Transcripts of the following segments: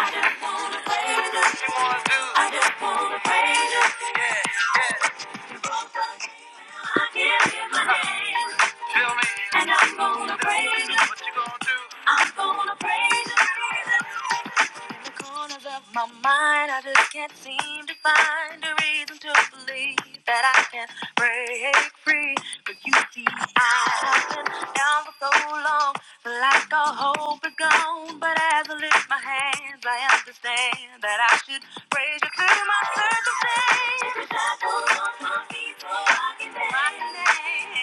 I just wanna praise you. I just wanna praise you. Yeah. I give you my name. Tell me. And I'm gonna praise you. What you gonna do? I'm gonna praise you the corners of my mind, I just can't seem to find a reason to believe that I can break free. But you see, I've been down for so long, like all hope is gone. But as I lift my hands, I understand that I should praise you through my circumstance. The shackles on my feet, so I can dance. My name.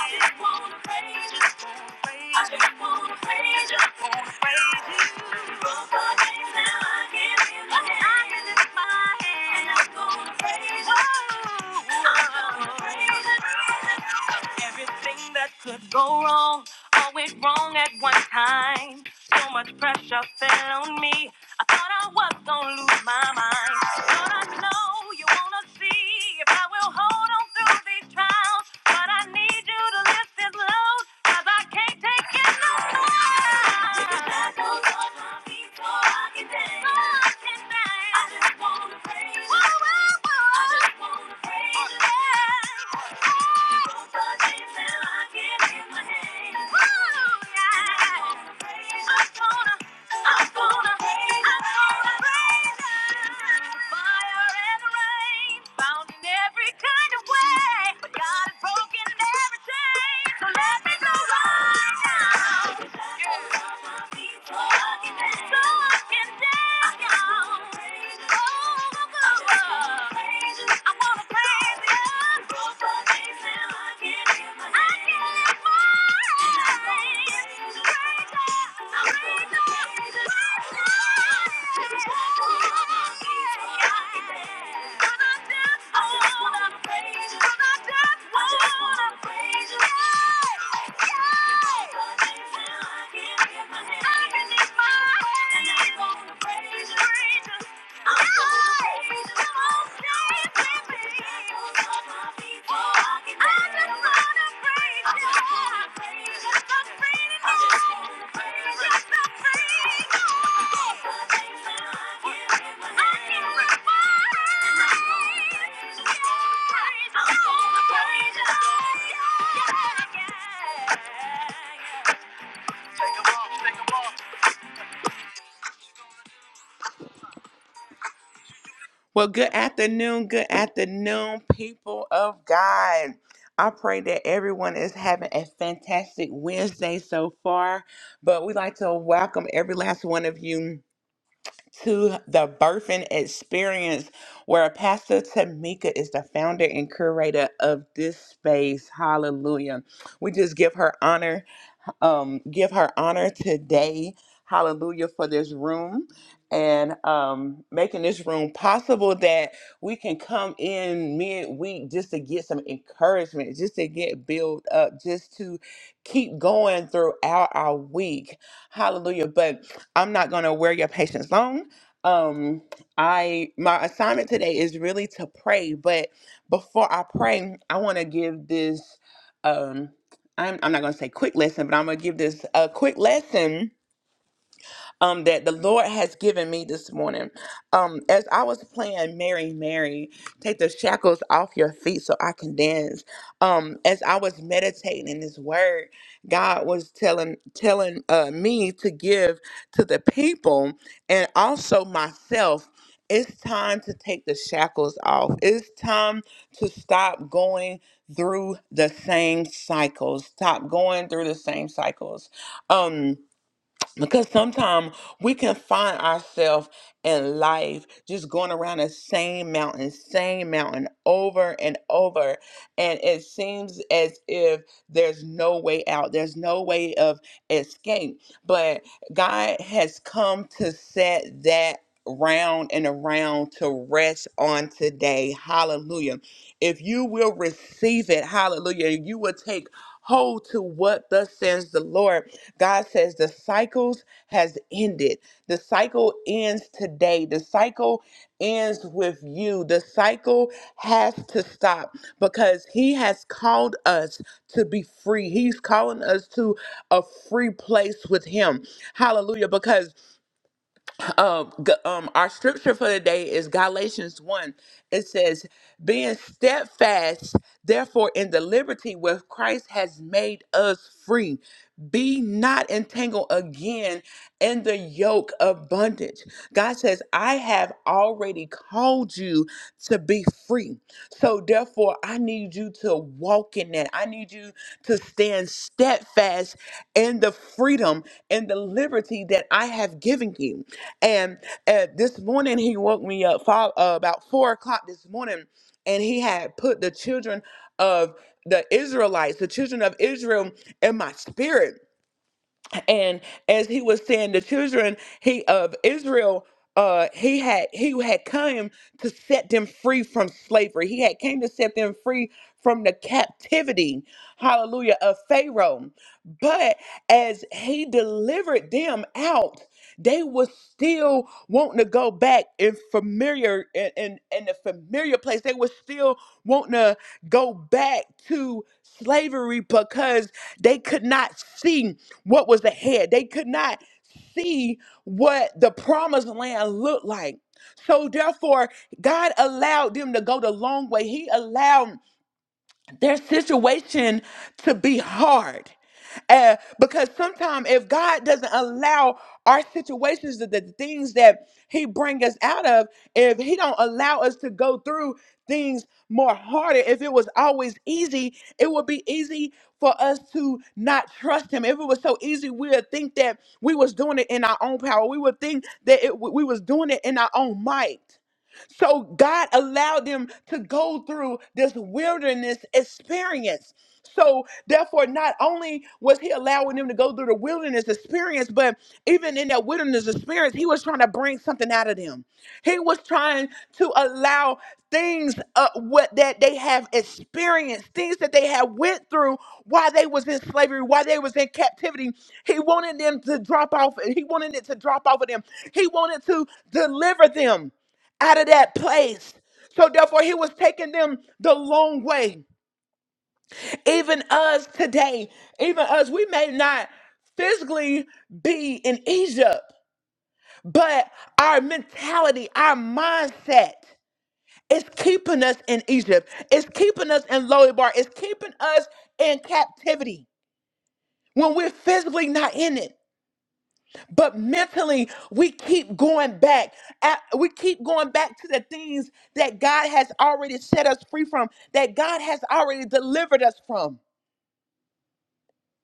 I just wanna praise you. Just wanna praise you. I just wanna praise you. Just wanna praise you. Everything that could go wrong, all went wrong at one time. So much pressure fell on me. I thought I was gonna lose my mind. Lord, I know you wanna see if I will hold on through these trials, but I need you to lift this load. Cause I can't take it no more. I wanna I'm gonna raise, I'm gonna raise up. Fire and rain, bound in every kind of way. God has broken every chain, so let me go right now. I I wanna raise Praise, praise, you. Yeah. yeah, yeah. Well, good afternoon. Good afternoon, people of God. I pray that everyone is having a fantastic Wednesday so far, but we'd like to welcome every last one of you to the Birthing Experience, where Pastor Tamika is the founder and curator of this space. Hallelujah. We just give her honor um, give her honor today. Hallelujah for this room and um, making this room possible that we can come in midweek just to get some encouragement, just to get built up, just to keep going throughout our week. Hallelujah. But I'm not going to wear your patience long. Um, I my assignment today is really to pray, but before I pray, I want to give this. Um, I'm, I'm not going to say quick lesson, but I'm going to give this a quick lesson um, that the Lord has given me this morning. Um, as I was playing Mary, Mary, take the shackles off your feet so I can dance. Um, as I was meditating in His Word, God was telling telling uh, me to give to the people and also myself. It's time to take the shackles off. It's time to stop going through the same cycles. Stop going through the same cycles. Um, because sometimes we can find ourselves in life just going around the same mountain, same mountain over and over. And it seems as if there's no way out, there's no way of escape. But God has come to set that round and around to rest on today. Hallelujah. If you will receive it, hallelujah, you will take hold to what thus says the Lord God says the cycles has ended. The cycle ends today. The cycle ends with you. The cycle has to stop because he has called us to be free. He's calling us to a free place with him. Hallelujah. Because um, g- um, our scripture for today is Galatians 1. It says, Being steadfast, therefore, in the liberty where Christ has made us free, be not entangled again in the yoke of bondage. God says, I have already called you to be free. So, therefore, I need you to walk in that. I need you to stand steadfast in the freedom and the liberty that I have given you. And uh, this morning he woke me up five, uh, about four o'clock this morning, and he had put the children of the Israelites, the children of Israel, in my spirit and as he was saying the children he of israel uh he had he had come to set them free from slavery he had came to set them free from the captivity hallelujah of pharaoh but as he delivered them out they were still wanting to go back in familiar in, in, in the familiar place they were still wanting to go back to slavery because they could not see what was ahead. They could not see what the promised land looked like. So therefore, God allowed them to go the long way. He allowed their situation to be hard. Uh, because sometimes if God doesn't allow our situations, the, the things that He bring us out of, if He don't allow us to go through things more harder, if it was always easy, it would be easy for us to not trust Him. If it was so easy, we would think that we was doing it in our own power. We would think that it, we was doing it in our own might. So God allowed them to go through this wilderness experience. So therefore, not only was he allowing them to go through the wilderness experience, but even in that wilderness experience, he was trying to bring something out of them. He was trying to allow things uh, what that they have experienced, things that they have went through while they was in slavery, while they was in captivity. He wanted them to drop off. He wanted it to drop off of them. He wanted to deliver them out of that place. So therefore, he was taking them the long way. Even us today, even us, we may not physically be in Egypt, but our mentality, our mindset is keeping us in Egypt. It's keeping us in Lodebar. It's keeping us in captivity when we're physically not in it. But mentally, we keep going back. at- We keep going back to the things that God has already set us free from, that God has already delivered us from.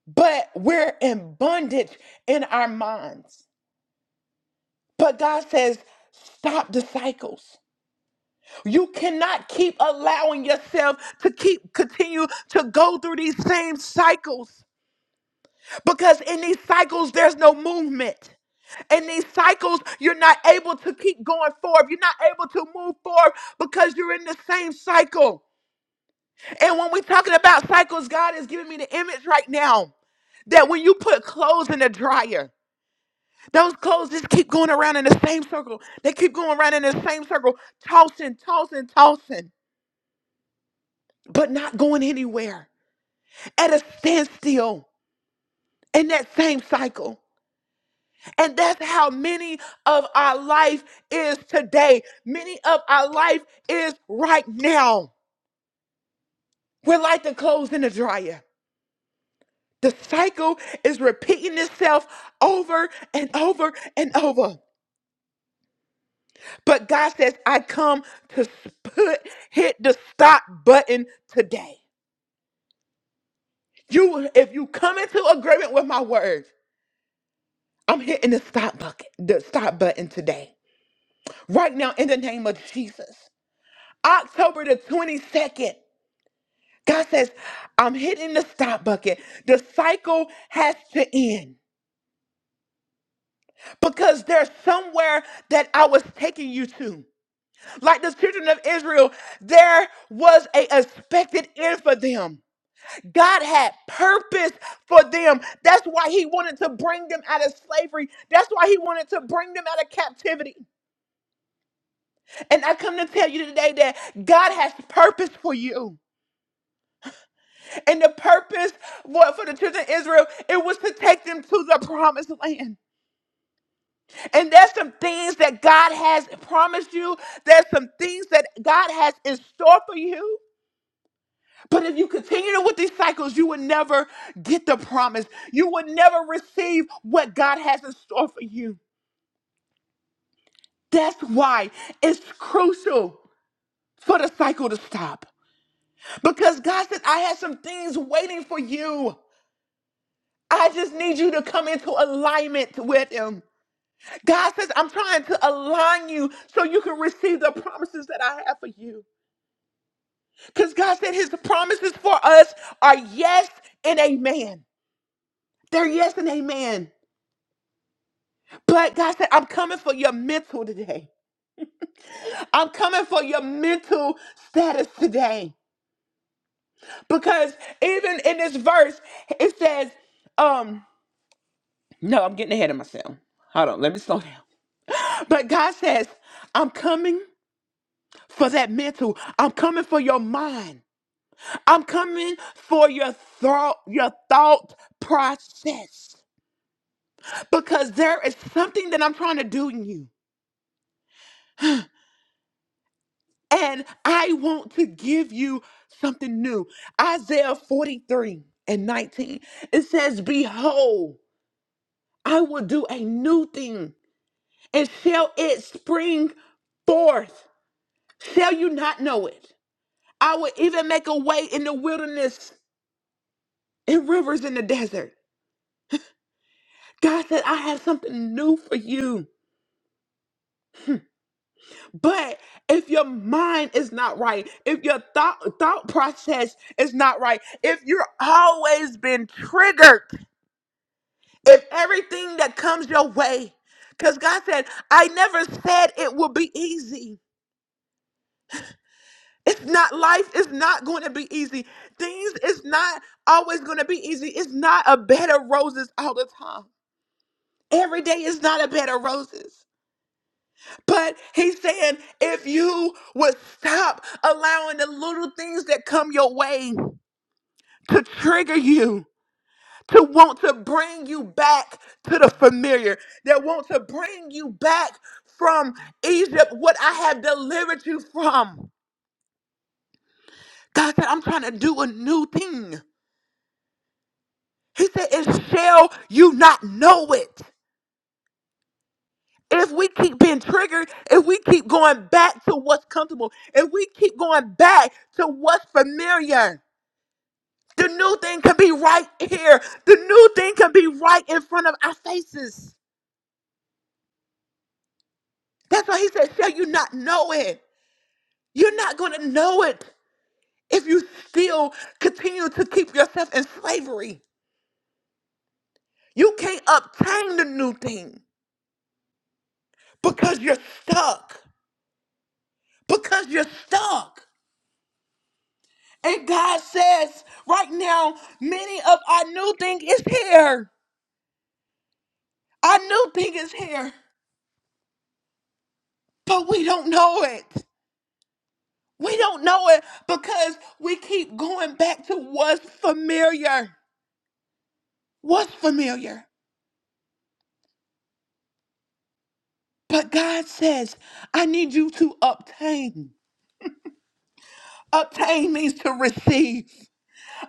But we're in bondage in our minds. But God says, stop the cycles. You cannot keep allowing yourself to keep continue to go through these same cycles. Because in these cycles, there's no movement. In these cycles, you're not able to keep going forward. You're not able to move forward because you're in the same cycle. And when we're talking about cycles, God is giving me the image right now that when you put clothes in the dryer, those clothes just keep going around in the same circle. They keep going around in the same circle, tossing, tossing, tossing, but not going anywhere at a standstill in that same cycle. And that's how many of our life is today. Many of our life is right now. We're like the clothes in the dryer. The cycle is repeating itself over and over and over. But God says, I come to put, hit the stop button today. You, if you come into agreement with my words, I'm hitting the stop bucket, the stop button today. Right now, in the name of Jesus. October the 22nd. God says, I'm hitting the stop bucket. The cycle has to end because there's somewhere that I was taking you to. Like the children of Israel, there was a expected end for them. God had purpose for them. That's why he wanted to bring them out of slavery. That's why he wanted to bring them out of captivity. And I come to tell you today that God has purpose for you. And the purpose what for the children of Israel, it was to take them to the promised land. And there's some things that God has promised you. There's some things that God has in store for you. But if you continue with these cycles, you will never get the promise. You will never receive what God has in store for you. That's why it's crucial for the cycle to stop. Because God said, I have some things waiting for you. I just need you to come into alignment with Him. God says, I'm trying to align you so you can receive the promises that I have for you. Because God said his promises for us are yes and amen. They're yes and amen. But God said, I'm coming for your mental today. I'm coming for your mental status today. Because even in this verse, it says, um, no, I'm getting ahead of myself. Hold on, let me slow down. But God says, I'm coming for that mental. I'm coming for your mind. I'm coming for your thought, your thought process because there is something that I'm trying to do in you. And I want to give you something new. Isaiah 43 and 19. It says, Behold, I will do a new thing, and shall it spring forth? Shall you not know it? I will even make a way in the wilderness and rivers in the desert. God said, I have something new for you. But if your mind is not right, if your thought thought process is not right, if you're always been triggered, if everything that comes your way, because God said, I never said it will be easy. It's not life is not going to be easy. Things is not always going to be easy. It's not a bed of roses all the time. Every day is not a bed of roses. But he's saying if you would stop allowing the little things that come your way to trigger you, to want to bring you back to the familiar, that want to bring you back from Egypt, what I have delivered you from. God said, I'm trying to do a new thing. He said, and shall you not know it? If we keep being triggered, if we keep going back to what's comfortable, if we keep going back to what's familiar, The new thing can be right here. The new thing can be right in front of our faces. That's why he said, Shall you not know it? You're not going to know it if you still continue to keep yourself in slavery. You can't obtain the new thing because you're stuck. Because you're stuck. And God says, right now, many of our new thing is here. Our new thing is here, but we don't know it. We don't know it because we keep going back to what's familiar. What's familiar? But God says, I need you to obtain. Obtain means to receive.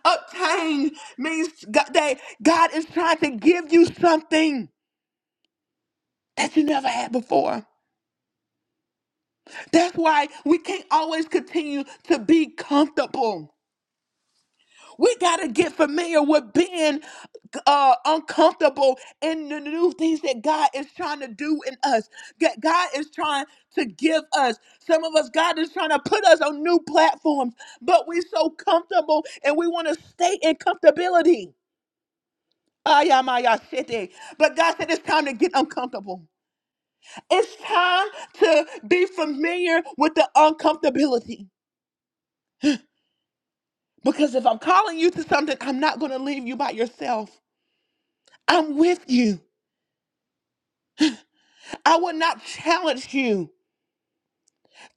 Obtain means God- that God is trying to give you something that you never had before. That's why we can't always continue to be comfortable. We got to get familiar with being uh, uncomfortable in the new things that God is trying to do in us. That God is trying to give us. Some of us, God is trying to put us on new platforms, but we're so comfortable and we want to stay in comfortability. Ayamaya shete. But God said it's time to get uncomfortable. It's time to be familiar with the uncomfortability. Because if I'm calling you to something, I'm not going to leave you by yourself. I'm with you. I will not challenge you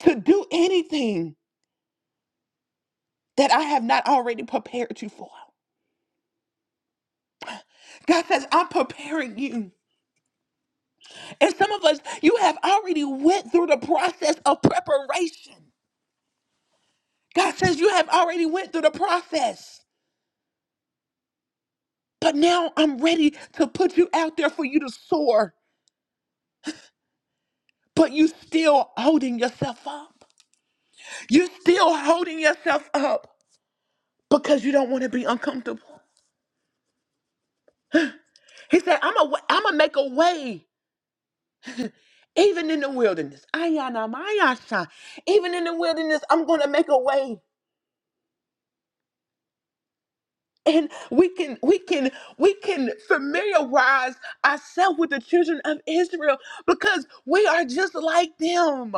to do anything that I have not already prepared you for. God says, I'm preparing you. And some of us, you have already went through the process of preparation. God says, you have already went through the process. But now I'm ready to put you out there for you to soar. But you still holding yourself up. You're still holding yourself up because you don't want to be uncomfortable. He said, I'm going to make a way Even in the wilderness, ayana mayasha. Even in the wilderness, I'm gonna make a way. And we can we can we can familiarize ourselves with the children of Israel because we are just like them.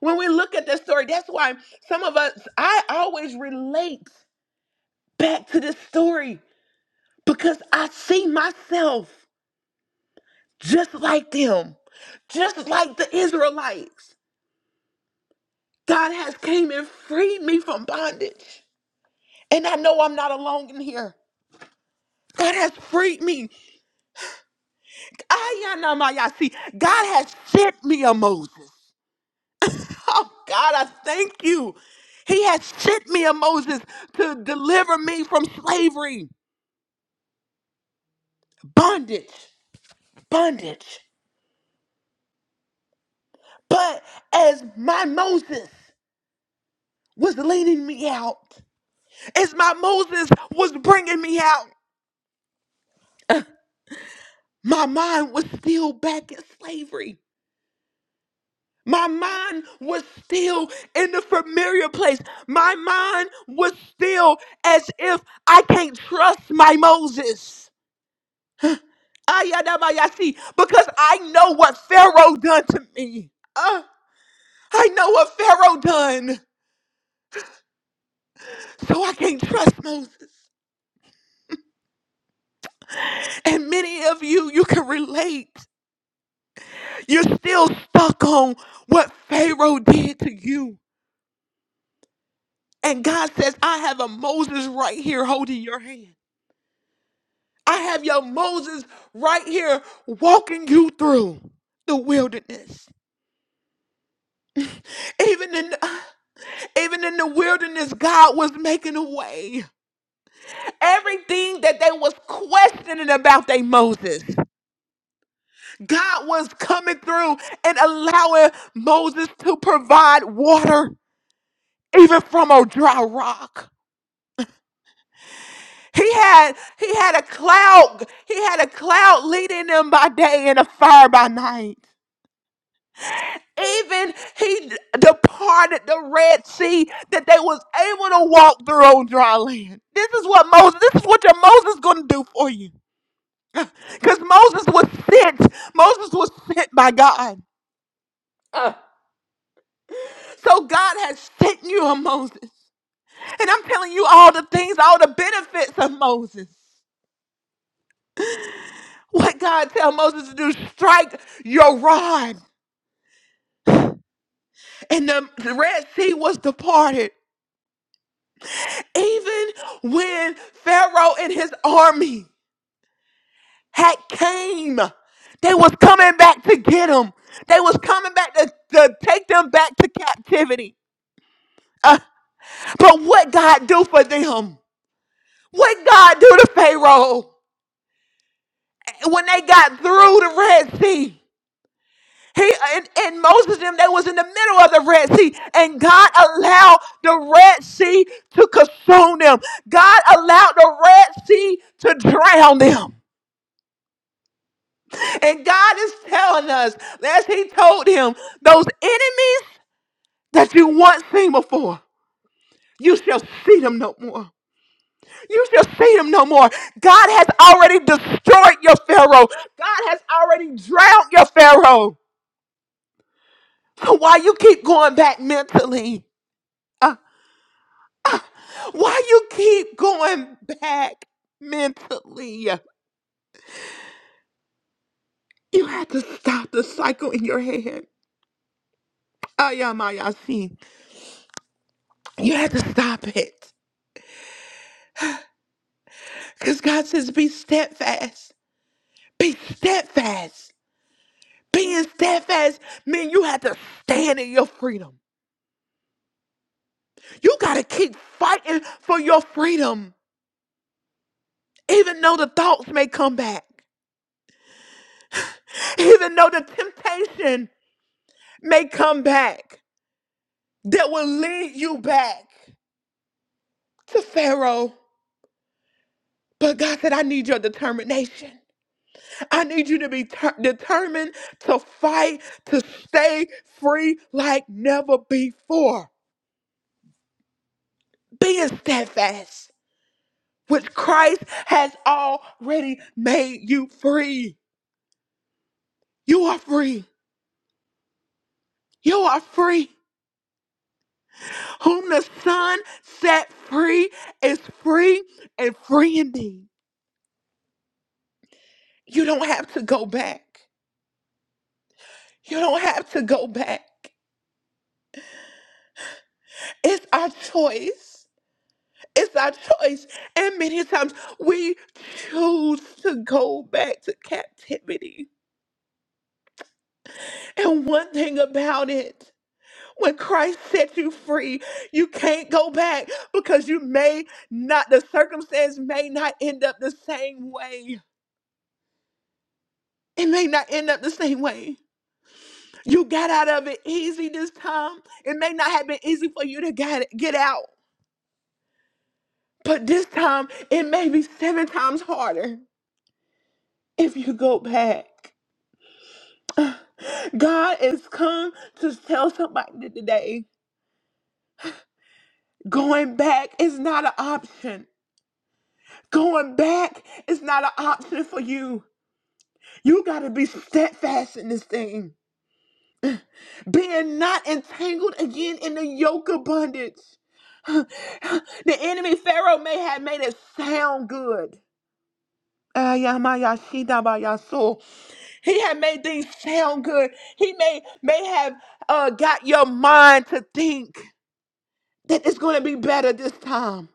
When we look at the story, that's why some of us I always relate back to this story because I see myself just like them, just like the Israelites. God has came and freed me from bondage. And I know I'm not alone in here. God has freed me. Ayanamayasi. God has sent me a Moses. Oh, God, I thank you. He has sent me a Moses to deliver me from slavery, bondage, bondage. But as my Moses was leading me out, as my Moses was bringing me out, my mind was still back in slavery. My mind was still in the familiar place. My mind was still as if I can't trust my Moses. Ayadabayasi, Because I know what Pharaoh done to me. Uh, I know what Pharaoh done. So I can't trust Moses. And many of you, you can relate. You're still stuck on what Pharaoh did to you. And God says, I have a Moses right here holding your hand. I have your Moses right here walking you through the wilderness. Even in even in the wilderness, God was making a way. Everything that they was questioning about they Moses, God was coming through and allowing Moses to provide water even from a dry rock. He had he had a cloud, he had a cloud leading them by day and a fire by night. Even he departed the Red Sea that they was able to walk through on dry land. This is what Moses, this is what your Moses gonna do for you. Because Moses was sent. Moses was sent by God. So God has sent you a Moses. And I'm telling you all the things, all the benefits of Moses. What God tell Moses to do, strike your rod. And the the Red Sea was departed. Even when Pharaoh and his army. had came. They was coming back to get them. They was coming back to, to take them back to captivity. Uh, but what God do for them? What God do to Pharaoh when they got through the Red Sea? He and, and Moses and them they was in the middle of the Red Sea, and God allowed the Red Sea to consume them. God allowed the Red Sea to drown them. And God is telling us, as He told him, those enemies. that you once seen before. You shall see them no more. You shall see them no more. God has already destroyed your Pharaoh. God has already drowned your Pharaoh. So why you keep going back mentally? Uh, uh, why you keep going back mentally? You had to stop the cycle in your head. Ayamayasi. You had to stop it. Because God says, be steadfast. Be steadfast. being steadfast means you have to stand in your freedom. You got to keep fighting for your freedom, even though the thoughts may come back, even though the temptation may come back that will lead you back to Pharaoh. But God said, I need your determination. I need you to be ter- determined to fight, to stay free like never before. Being steadfast. which Christ has already made you free. You are free. You are free. Whom the Son set free is free and free indeed. You don't have to go back. You don't have to go back. It's our choice. It's our choice. And many times we choose to go back to captivity. And one thing about it. When Christ set you free, you can't go back because you may not, the circumstance may not end up the same way. It may not end up the same way. You got out of it easy this time. It may not have been easy for you to get, get out, but this time it may be seven times harder if you go back. God is come to tell somebody today going back is not an option. Going back is not an option for you. You got to be steadfast in this thing, being not entangled again in the yoke of bondage. the enemy Pharaoh may have made it sound good. Ayamayashidabayaso. He had made things sound good. He may may have uh, got your mind to think that it's going to be better this time.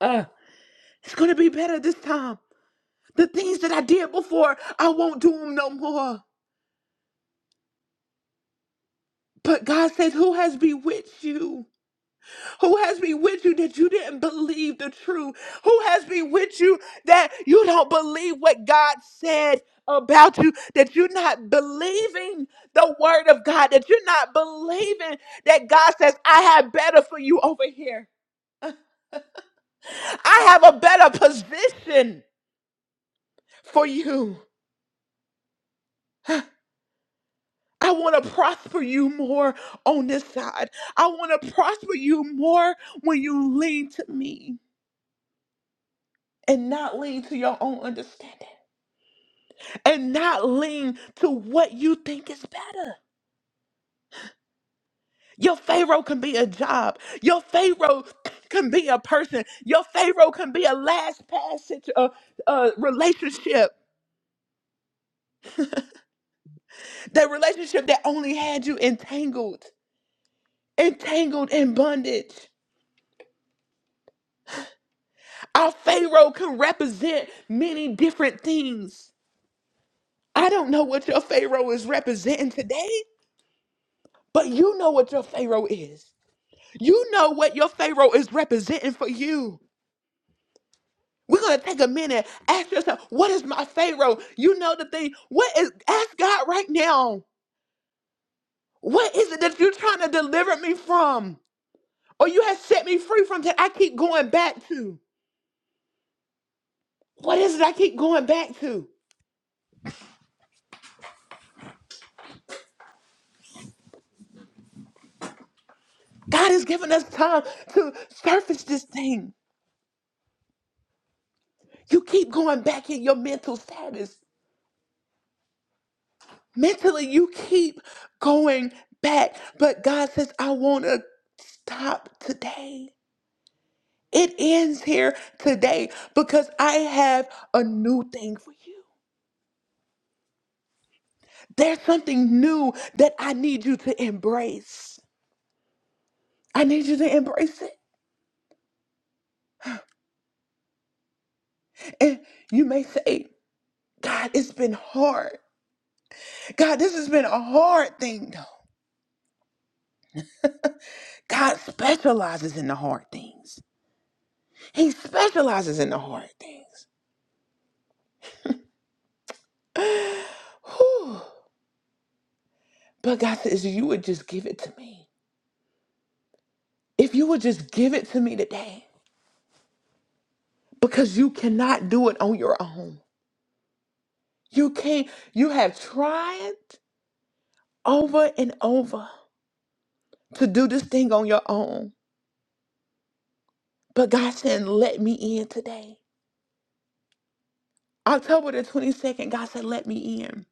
Uh, it's going to be better this time. The things that I did before, I won't do them no more. But God says, Who has bewitched you? Who has been with you that you didn't believe the truth? Who has been with you that you don't believe what God said about you? That you're not believing the word of God? That you're not believing that God says, I have better for you over here. I have a better position for you. I want to prosper you more on this side. I want to prosper you more when you lean to me and not lean to your own understanding. and not lean to what you think is better. Your Pharaoh can be a job. Your Pharaoh can be a person. Your Pharaoh can be a last passage, situ- uh, uh, relationship. That relationship that only had you entangled, entangled in bondage. Our Pharaoh can represent many different things. I don't know what your Pharaoh is representing today, but you know what your Pharaoh is. You know what your Pharaoh is representing for you. We're gonna take a minute, ask yourself, what is my Pharaoh? You know the thing. What is ask God right now? What is it that you're trying to deliver me from? Or you have set me free from that I keep going back to? What is it I keep going back to? God has given us time to surface this thing. You keep going back in your mental status. Mentally, you keep going back. But God says, I wanna stop today. It ends here today because I have a new thing for you. There's something new that I need you to embrace. I need you to embrace it. And you may say, God, it's been hard. God, this has been a hard thing, though. God specializes in the hard things, He specializes in the hard things. Whew. But God says, you would just give it to me. If you would just give it to me today, because you cannot do it on your own. You can't, you have tried over and over to do this thing on your own. But God said, let me in today. October the 22nd, God said, let me in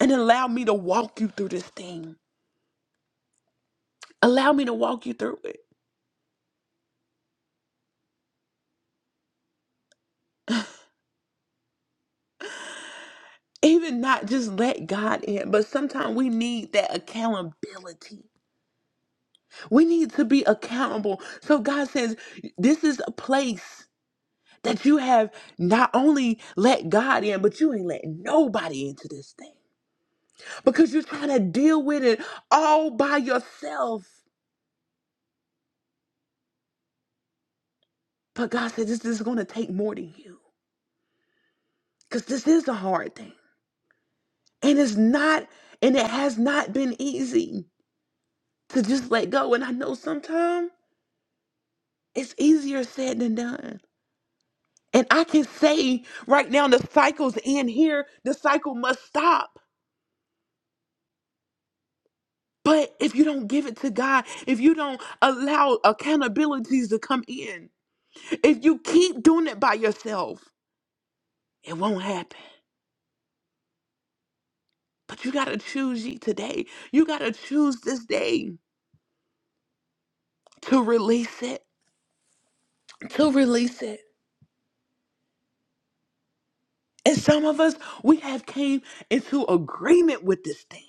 and allow me to walk you through this thing. Allow me to walk you through it. Even not just let God in, but sometimes we need that accountability. We need to be accountable. So God says, this is a place that you have not only let God in, but you ain't let nobody into this thing. because you're trying to deal with it all by yourself. But God said, this, this is going to take more than you because this is a hard thing. And it's not, and it has not been easy to just let go. And I know sometimes it's easier said than done. And I can say right now, the cycle's in here, the cycle must stop. But if you don't give it to God, if you don't allow accountabilities to come in, if you keep doing it by yourself, it won't happen. But you got to choose ye today. You got to choose this day to release it, to release it. And some of us, we have came into agreement with this thing.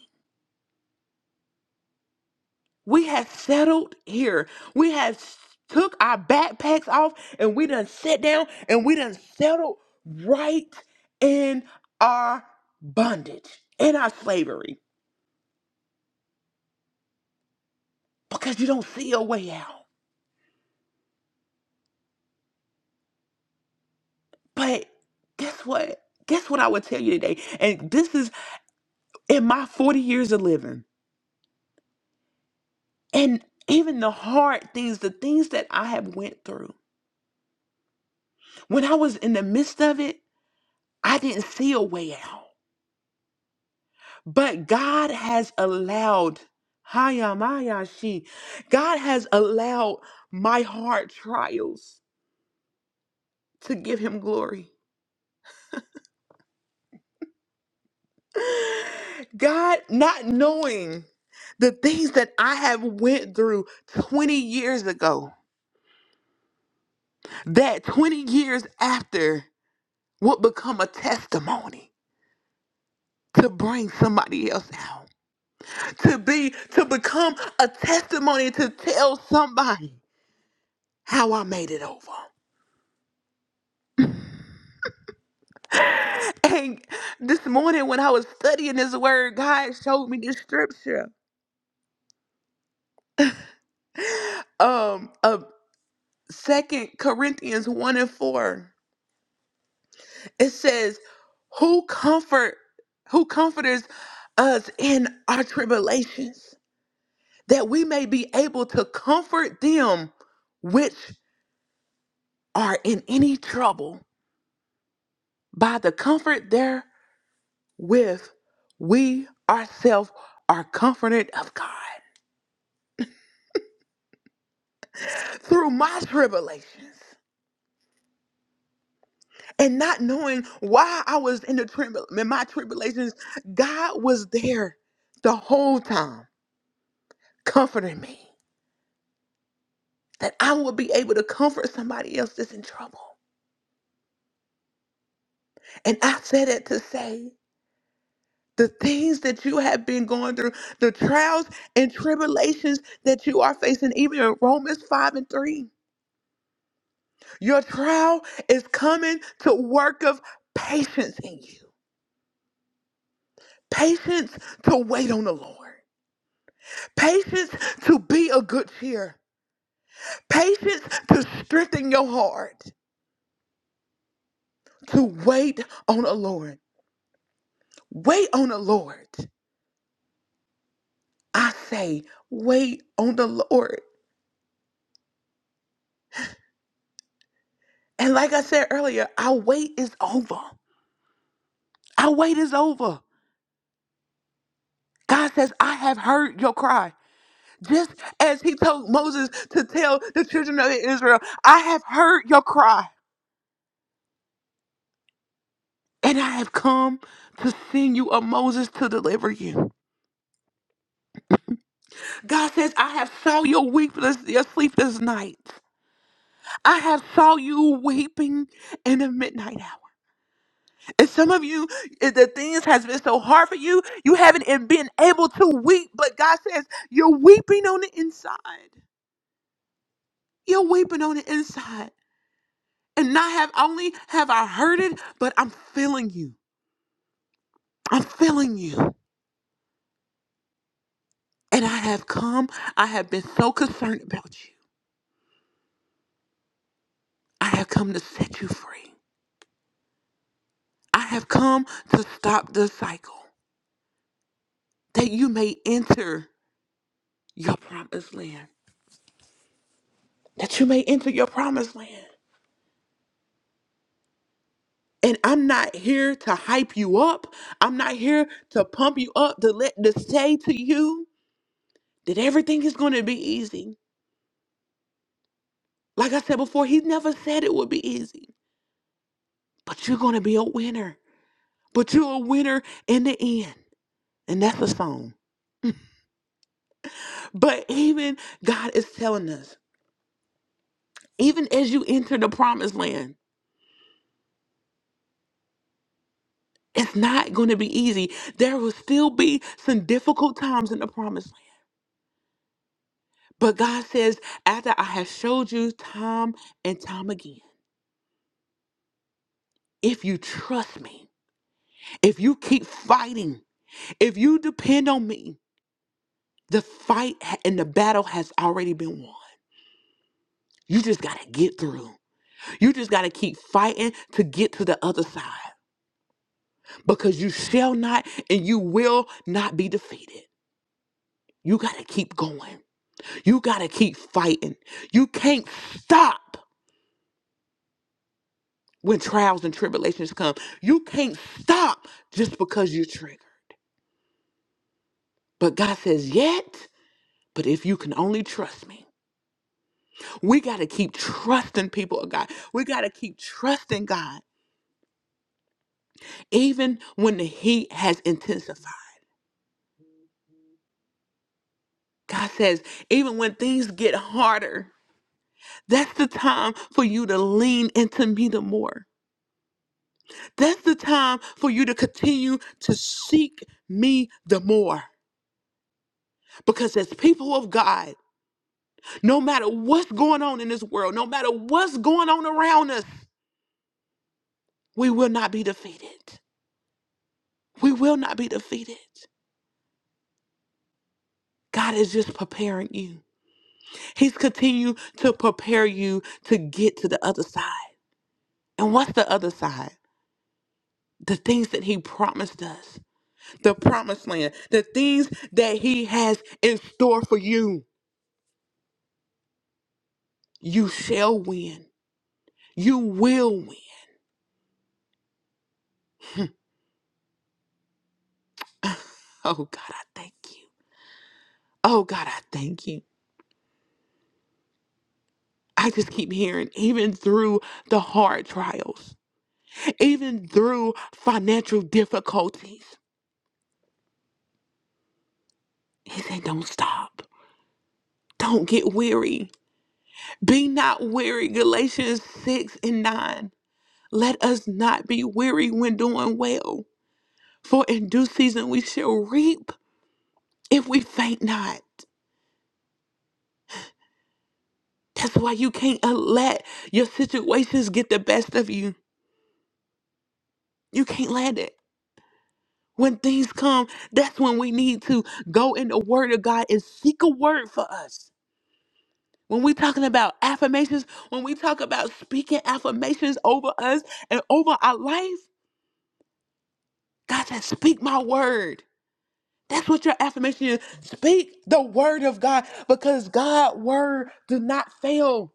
We have settled here. We have s- took our backpacks off and we done sat down and we done settled right in our bondage, in our slavery, because you don't see a way out. But guess what? Guess what I would tell you today? And this is in my 40 years of living and even the hard things the things that i have went through when i was in the midst of it i didn't see a way out but god has allowed hayamayashi god has allowed my hard trials to give him glory god not knowing the things that i have went through 20 years ago that 20 years after would become a testimony to bring somebody else out to be to become a testimony to tell somebody how i made it over and this morning when i was studying this word god showed me this scripture um of second corinthians 1 and 4 it says who comfort who comforters us in our tribulations that we may be able to comfort them which are in any trouble, by the comfort therewith we ourselves are comforted of God through my tribulations. And not knowing why I was in the tribul in my tribulations, God was there the whole time comforting me that I would be able to comfort somebody else that's in trouble. And I said it to say the things that you have been going through, the trials and tribulations that you are facing, even in Romans 5 and 3. Your trial is coming to work of patience in you. Patience to wait on the Lord. Patience to be a good cheer. Patience to strengthen your heart. To wait on the Lord. Wait on the Lord. I say, wait on the Lord. And like I said earlier, our wait is over. Our wait is over. God says, I have heard your cry. Just as he told Moses to tell the children of Israel, I have heard your cry. And I have come to send you a Moses to deliver you. God says, I have saw your weakness, your sleepless night. I have saw you weeping in the midnight hour. And some of you, eh, the things has been so hard for you, you haven't eh, been able to weep. But God says, you're weeping on the inside. You're weeping on the inside. And not have only have I heard it, but I'm feeling you. I'm feeling you. And I have come, I have been so concerned about you. I have come to set you free. I have come to stop the cycle that you may enter your promised land. That you may enter your promised land. And I'm not here to hype you up. I'm not here to pump you up, to let to say to you that everything is going to be easy. Like I said before, he never said it would be easy. but you're going to be a winner. But you're a winner in the end. And that's a song. But even God is telling us, even as you enter the promised land, it's not going to be easy. There will still be some difficult times in the promised land. But God says, after I have showed you time and time again, if you trust me, if you keep fighting, if you depend on me, the fight ha- and the battle has already been won. You just got to get through. You just got to keep fighting to get to the other side because you shall not and you will not be defeated. You got to keep going. You got to keep fighting. You can't stop when trials and tribulations come. You can't stop just because you're triggered. But God says, yet, but if you can only trust me. We got to keep trusting people of God. We got to keep trusting God, even when the heat has intensified. God says, even when things get harder, That's the time for you to lean into me the more. That's the time for you to continue to seek me the more. Because as people of God, no matter what's going on in this world, no matter what's going on around us, we will not be defeated. We will not be defeated. God is just preparing you. He's continued to prepare you to get to the other side. And what's the other side? The things that He promised us. the promised land, the things that He has in store for you. You shall win. You will win. Oh God, I thank you. Oh God, I thank you. I just keep hearing, even through the hard trials, even through financial difficulties, He said, don't stop. Don't get weary. Be not weary. Galatians 6 and 9. Let us not be weary when doing well, for in due season we shall reap if we faint not. That's why you can't uh, let your situations get the best of you. You can't let it. When things come, that's when we need to go in the Word of God and seek a word for us. When we're talking about affirmations, when we talk about speaking affirmations over us and over our life, God says, Speak my word. That's what your affirmation is. Speak the word of God because God's word do not fail.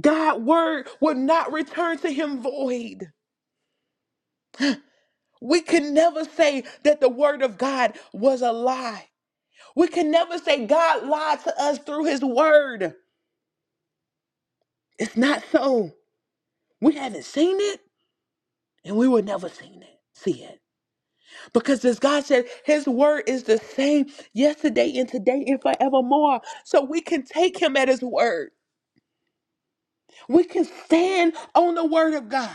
God's word will not return to him void. We can never say that the word of God was a lie. We can never say God lied to us through his word. It's not so. We haven't seen it and we will never seen it, see it. Because as God said, his word is the same yesterday and today and forevermore. So we can take him at his word. We can stand on the word of God.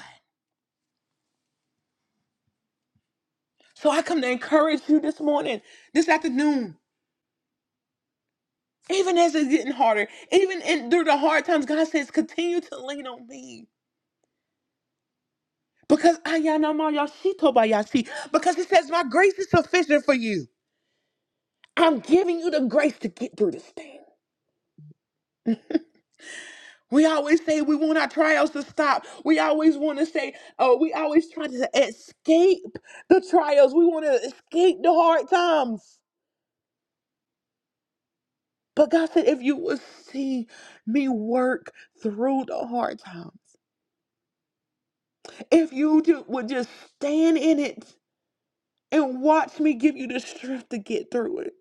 So I come to encourage you this morning, this afternoon. Even as it's getting harder, even in through the hard times, God says, continue to lean on me. Because Ayanamaya because He says, My grace is sufficient for you. I'm giving you the grace to get through this thing. We always say we want our trials to stop. We always want to say, oh, we always try to escape the trials. We want to escape the hard times. But God said, if you would see me work through the hard times, if you ju- would just stand in it, and watch me give you the strength to get through it.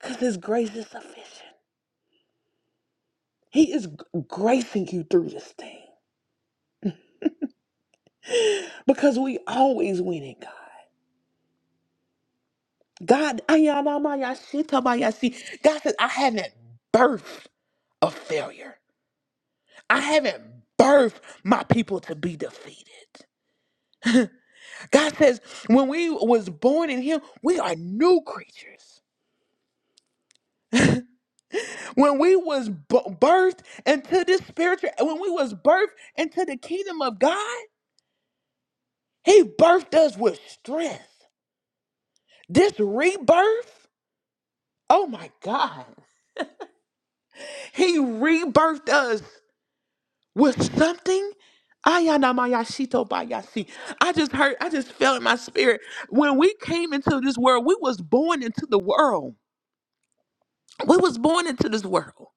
Because His grace is sufficient. He is g- gracing you through this thing. Because we always win in God. God, ayanamayashitabayashi. God says, I haven't birthed a failure. I haven't birthed my people to be defeated. God says, when we was born in him, we are new creatures. When we was b- birthed into this spiritual, when we was birthed into the kingdom of God, He birthed us with strength. This rebirth, oh my God. He rebirthed us with something. Ayanamayashito bayasi. I just heard, I just felt in my spirit. When we came into this world, we was born into the world. We was born into this world.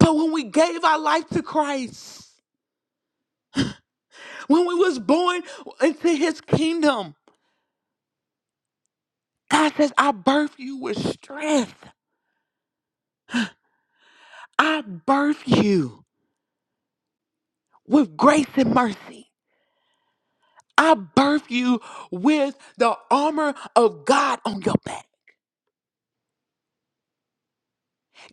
But when we gave our life to Christ, when we was born into his kingdom, God says, I birth you with strength. I birth you with grace and mercy. I birthed you with the armor of God on your back.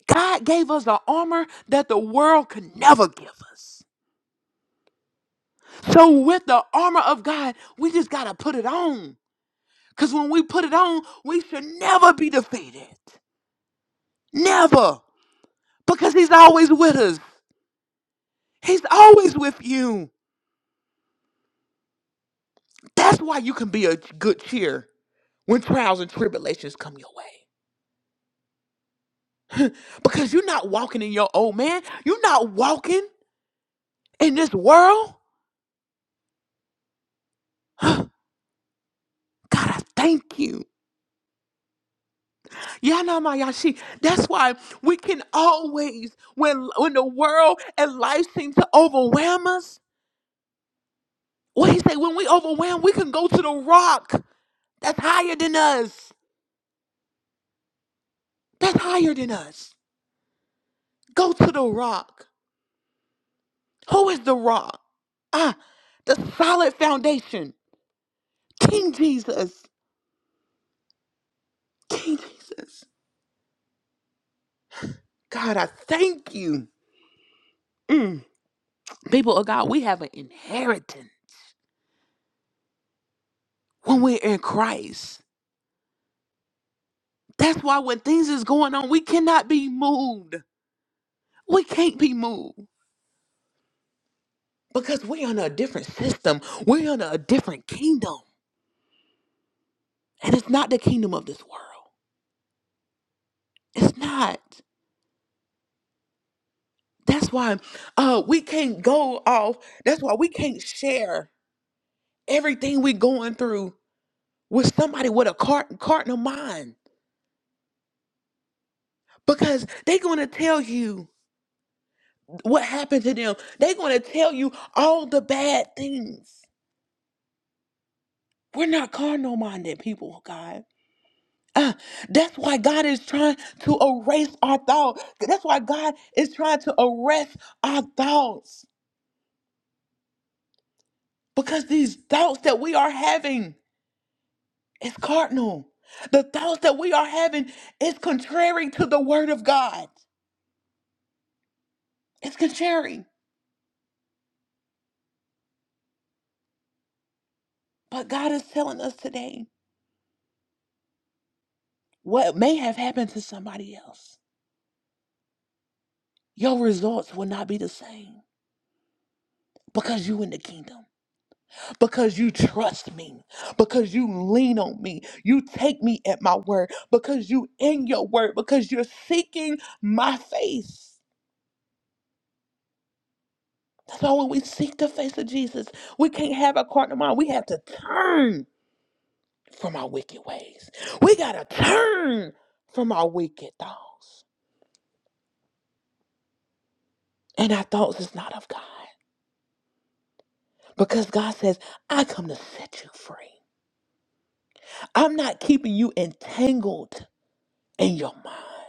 God gave us the armor that the world could never give us. So, with the armor of God, we just got to put it on. Because when we put it on, we should never be defeated. Never. Because He's always with us, He's always with you. That's why you can be a good cheer when trials and tribulations come your way. because you're not walking in your old man, you're not walking in this world. God, I thank you. Yanamayashi. That's why we can always, when when the world and life seems to overwhelm us, what he say, when we overwhelm, we can go to the rock that's higher than us. That's higher than us. Go to the rock. Who is the rock? Ah, the solid foundation. King Jesus. King Jesus. God, I thank you. Mm. People of God, we have an inheritance when we're in Christ. That's why when things is going on, we cannot be moved. We can't be moved because we're under a different system. We're under a different kingdom, and it's not the kingdom of this world. It's not. That's why uh, we can't go off. That's why we can't share everything we're going through with somebody with a cart carton of mind because they're going to tell you what happened to them. They're going to tell you all the bad things. We're not carnal minded people, oh God. Uh, that's why God is trying to erase our thoughts. That's why God is trying to arrest our thoughts. Because these thoughts that we are having is cardinal. The thoughts that we are having is contrary to the word of God. It's contrary. But God is telling us today what may have happened to somebody else. Your results will not be the same because you in the kingdom. because you trust me, because you lean on me, you take me at my word, because you in your word, because you're seeking my face. That's why when we seek the face of Jesus, we can't have a carnal mind. We have to turn from our wicked ways. We gotta turn from our wicked thoughts. And our thoughts is not of God. Because God says, I come to set you free. I'm not keeping you entangled in your mind.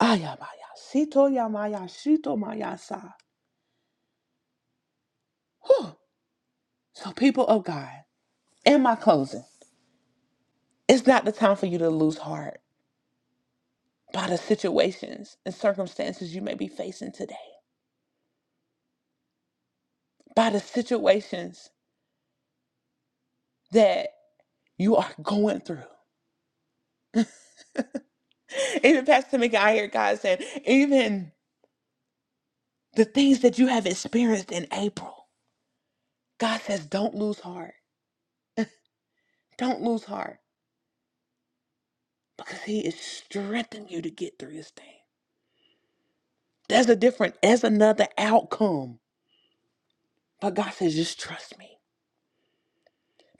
Ayamaya, Sito Yamaya, Shito Mayasa. Whew. So, people of God, in my closing, it's not the time for you to lose heart by the situations and circumstances you may be facing today, by the situations that you are going through. Even Pastor Mika, I hear God saying, even the things that you have experienced in April, God says, don't lose heart. Don't lose heart because He is strengthening you to get through this thing. There's a different, there's another outcome. But God says, just trust me.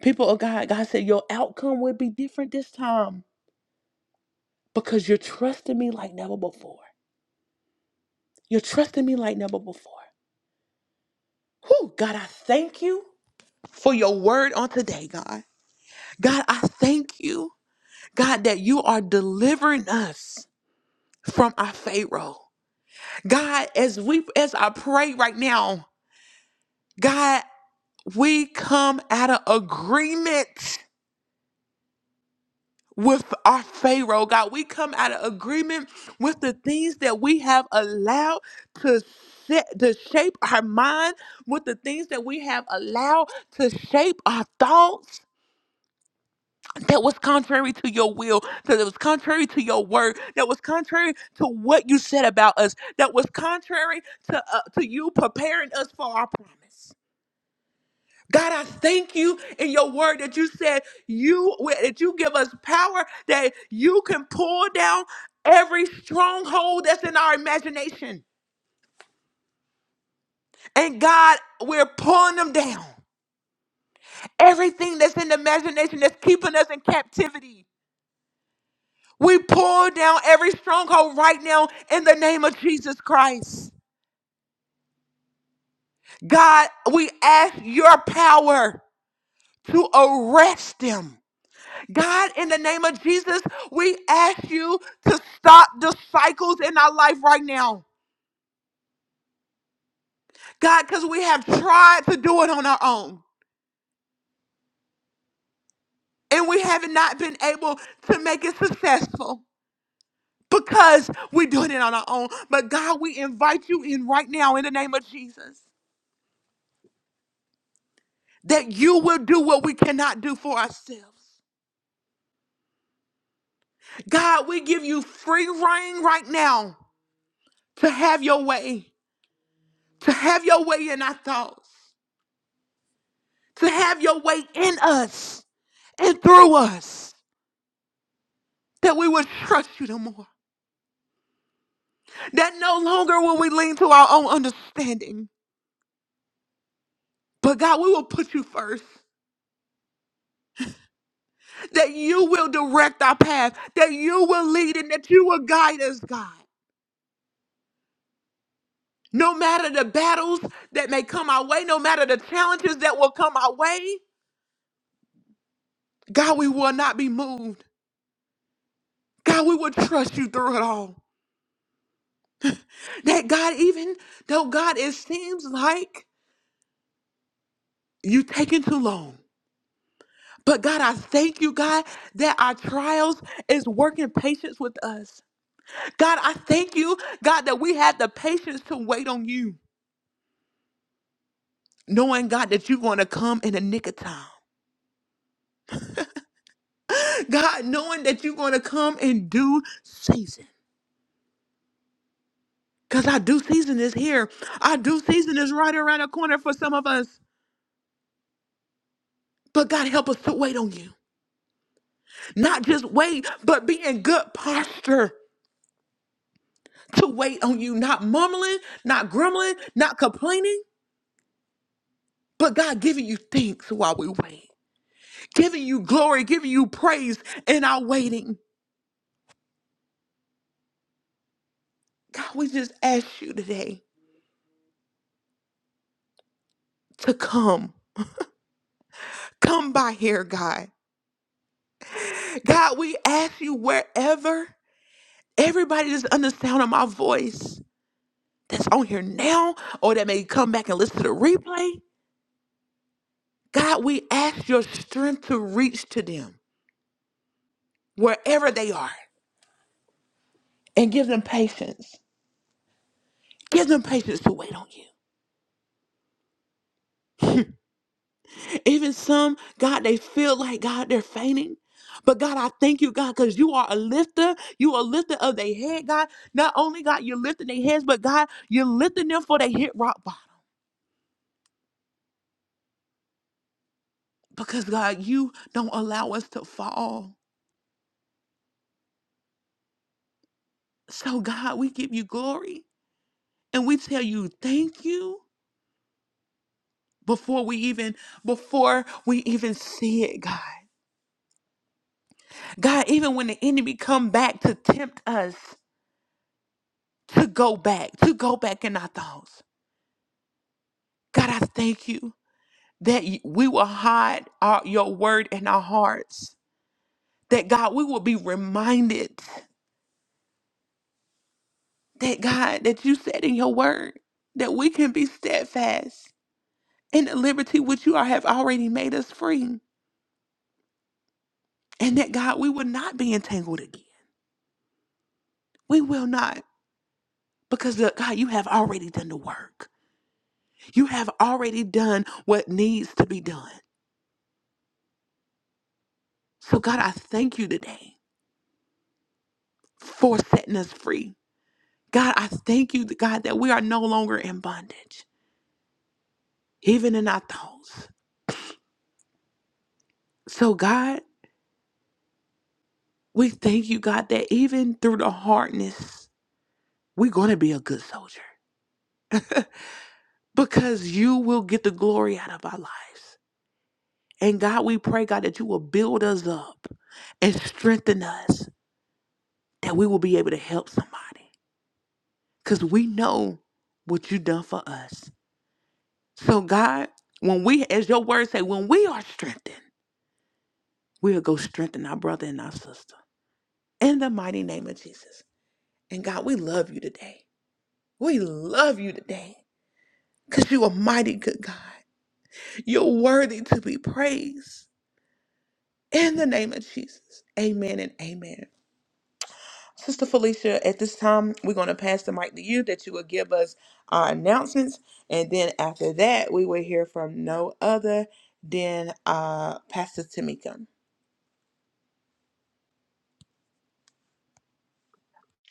People of God, God said, your outcome will be different this time because you're trusting me like never before. You're trusting me like never before. Whew, God, I thank you for your word on today, God. God, I thank you, God, that you are delivering us from our Pharaoh. God, as we as I pray right now, God, we come out of agreement with our Pharaoh, God. We come out of agreement with the things that we have allowed to set to shape our mind, with the things that we have allowed to shape our thoughts. That was contrary to your will, that was contrary to your word, that was contrary to what you said about us, that was contrary to uh, to you preparing us for our promise. God, I thank you in your word that you said you that you give us power that you can pull down every stronghold that's in our imagination. And God, we're pulling them down. Everything that's in the imagination that's keeping us in captivity. We pull down every stronghold right now in the name of Jesus Christ. God, we ask your power to arrest them God, in the name of Jesus, we ask you to stop the cycles in our life right now. God, because we have tried to do it on our own and we have not been able to make it successful because we're doing it on our own. But God, we invite you in right now in the name of Jesus that you will do what we cannot do for ourselves. God, we give you free reign right now to have your way, to have your way in our thoughts, to have your way in us and through us that we would trust you no more. That no longer will we lean to our own understanding, but God, we will put you first. That you will direct our path, that you will lead and that you will guide us, God. No matter the battles that may come our way, no matter the challenges that will come our way, God, we will not be moved. God, we will trust you through it all. That God, even though God, it seems like you taking too long. But God, I thank you, God, that our trials is working patience with us. God, I thank you, God, that we have the patience to wait on you, knowing, God, that you're going to come in the nick of time. God, knowing that you're going to come in due season. Because our due season is here. Our due season is right around the corner for some of us. But God, help us to wait on you. Not just wait, but be in good posture to wait on you. Not mumbling, not grumbling, not complaining But God giving you thanks while we wait, giving you glory, giving you praise in our waiting. God, we just ask you today to come. Come by here, God. God, we ask you wherever everybody that's under the sound of my voice that's on here now or that may come back and listen to the replay. God, we ask your strength to reach to them wherever they are and give them patience. Give them patience to wait on you. Even some, God, they feel like, God, they're fainting. But God, I thank you, God, because you are a lifter. You are a lifter of their head, God. Not only, God, you're lifting their heads, but God, you're lifting them for they hit rock bottom. Because, God, you don't allow us to fall. So, God, we give you glory and we tell you thank you before we even, before we even see it, God. God, even when the enemy come back to tempt us to go back, to go back in our thoughts. God, I thank you. that we will hide our, your word in our hearts. That God, we will be reminded that God, that you said in your word that we can be steadfast in the liberty which you are, have already made us free. And that God, we will not be entangled again. We will not. Because look, God, you have already done the work. You have already done what needs to be done. So God, I thank you today for setting us free. God, I thank you, God, that we are no longer in bondage. even in our thoughts. So, God, we thank you, God, that even through the hardness, we're going to be a good soldier because you will get the glory out of our lives. And God, we pray, God, that you will build us up and strengthen us, that we will be able to help somebody because we know what you done for us. So, God, when we, as your word say, when we are strengthened, we'll go strengthen our brother and our sister. In the mighty name of Jesus. And God, we love you today. We love you today because you are mighty good God. You're worthy to be praised. In the name of Jesus, amen and amen. Sister Felicia, at this time, we're going to pass the mic to you that you will give us our announcements. And then after that, we will hear from no other than uh, Pastor Tamika.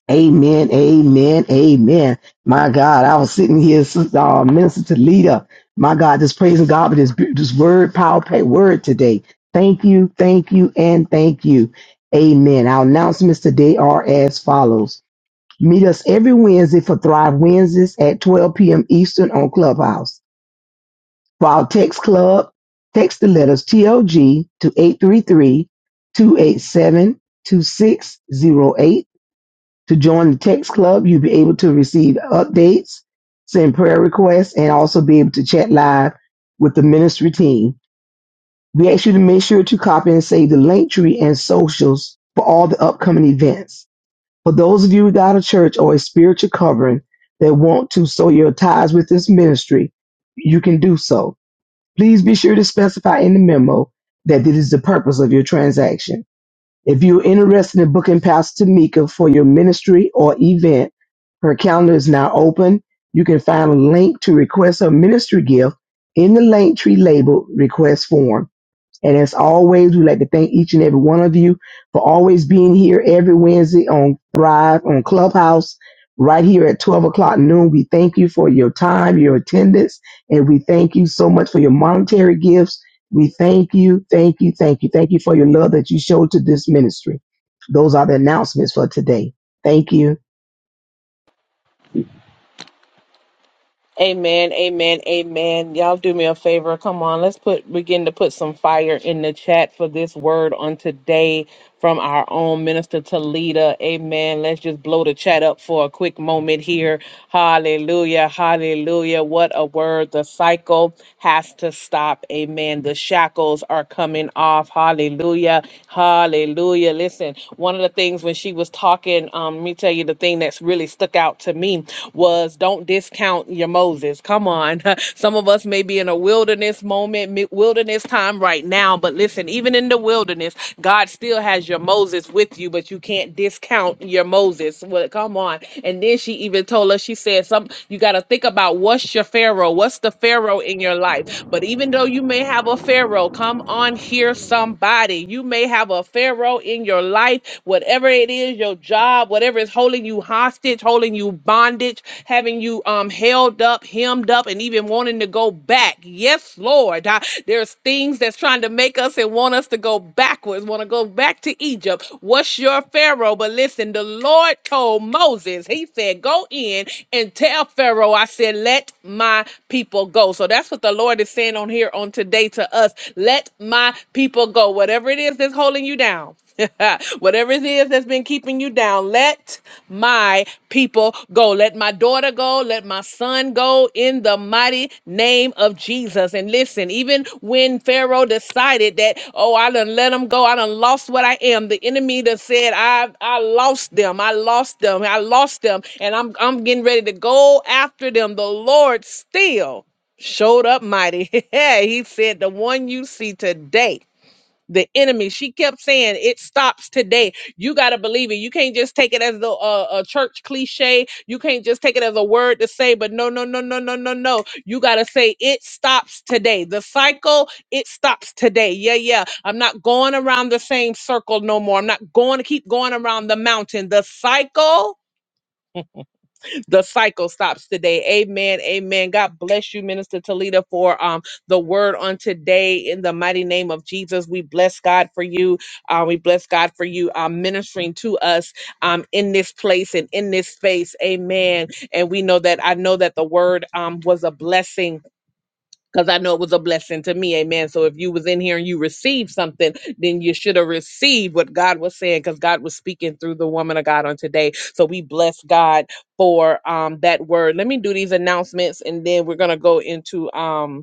Amen, amen, amen. My God, I was sitting here, Sister uh, Minister Talita. My God, just praising God for this beau- this word, power, pay word today. Thank you, thank you, and thank you. Amen. Our announcements today are as follows: Meet us every Wednesday for Thrive Wednesdays at 12 p.m. Eastern on Clubhouse. For our text club, text the letters TLG to 833 287 2608. To join the text club, you'll be able to receive updates, send prayer requests, and also be able to chat live with the ministry team. We ask you to make sure to copy and save the link tree and socials for all the upcoming events. For those of you without a church or a spiritual covering that want to sow your ties with this ministry, you can do so. Please be sure to specify in the memo that it is the purpose of your transaction. If you're interested in booking Pastor Tamika for your ministry or event, her calendar is now open. You can find a link to request a ministry gift in the link tree labeled request form. And as always, we'd like to thank each and every one of you for always being here every Wednesday on Thrive on Clubhouse, right here at 12 o'clock noon. We thank you for your time, your attendance, and we thank you so much for your monetary gifts. We thank you, thank you, thank you, thank you for your love that you showed to this ministry. Those are the announcements for today. Thank you. Amen, amen, amen. Y'all do me a favor. Come on, let's put begin to put some fire in the chat for this word on today from our own minister Talita. Amen. Let's just blow the chat up for a quick moment here. Hallelujah, hallelujah. What a word. The cycle has to stop. Amen. The shackles are coming off. Hallelujah, hallelujah. Listen, one of the things when she was talking, um, let me tell you the thing that thing that's really stuck out to me was don't discount your Moses. Come on. Some of us may be in a wilderness moment, mi- wilderness time right now, but listen, even in the wilderness, God still has your Moses with you, but you can't discount your Moses. Well, come on. And then she even told us, she said, some you got to think about what's your Pharaoh? What's the Pharaoh in your life? But even though you may have a Pharaoh, come on here, somebody. You may have a Pharaoh in your in your life, whatever it is, your job, whatever is holding you hostage, holding you bondage, having you um held up, hemmed up, and even wanting to go back. Yes, Lord. I- there's things that's trying to make us and want us to go backwards, want to go back to Egypt. What's your Pharaoh? But listen, the Lord told Moses, He said, Go in and tell Pharaoh, I said, Let my people go. So that's what the Lord is saying on here on today to us. Let my people go. Whatever it is that's holding you down Whatever it is that's been keeping you down, let my people go. Let my daughter go. Let my son go in the mighty name of Jesus. And listen, even when Pharaoh decided that, oh, I done let them go, I done lost what I am. The enemy that said, I I lost them, I lost them, I lost them, and I'm I'm getting ready to go after them. The Lord still showed up mighty. he said, The one you see today the enemy. She kept saying it stops today. You got to believe it. You can't just take it as the, uh, a church cliche. You can't just take it as a word to say, but no, no, no, no, no, no, no. You got to say it stops today. The cycle, it stops today. Yeah, yeah. I'm not going around the same circle no more. I'm not going to keep going around the mountain. The cycle the cycle stops today. Amen. Amen. God bless you, Minister Talita, for um the word on today. In the mighty name of Jesus, we bless God for you. Uh, we bless God for you uh, ministering to us um in this place and in this space. Amen. And we know that I know that the word um was a blessing because I know it was a blessing to me. Amen. So if you was in here and you received something, then you should have received what God was saying because God was speaking through the woman of God on today. So we bless God for um that word. Let me do these announcements and then we're gonna go into um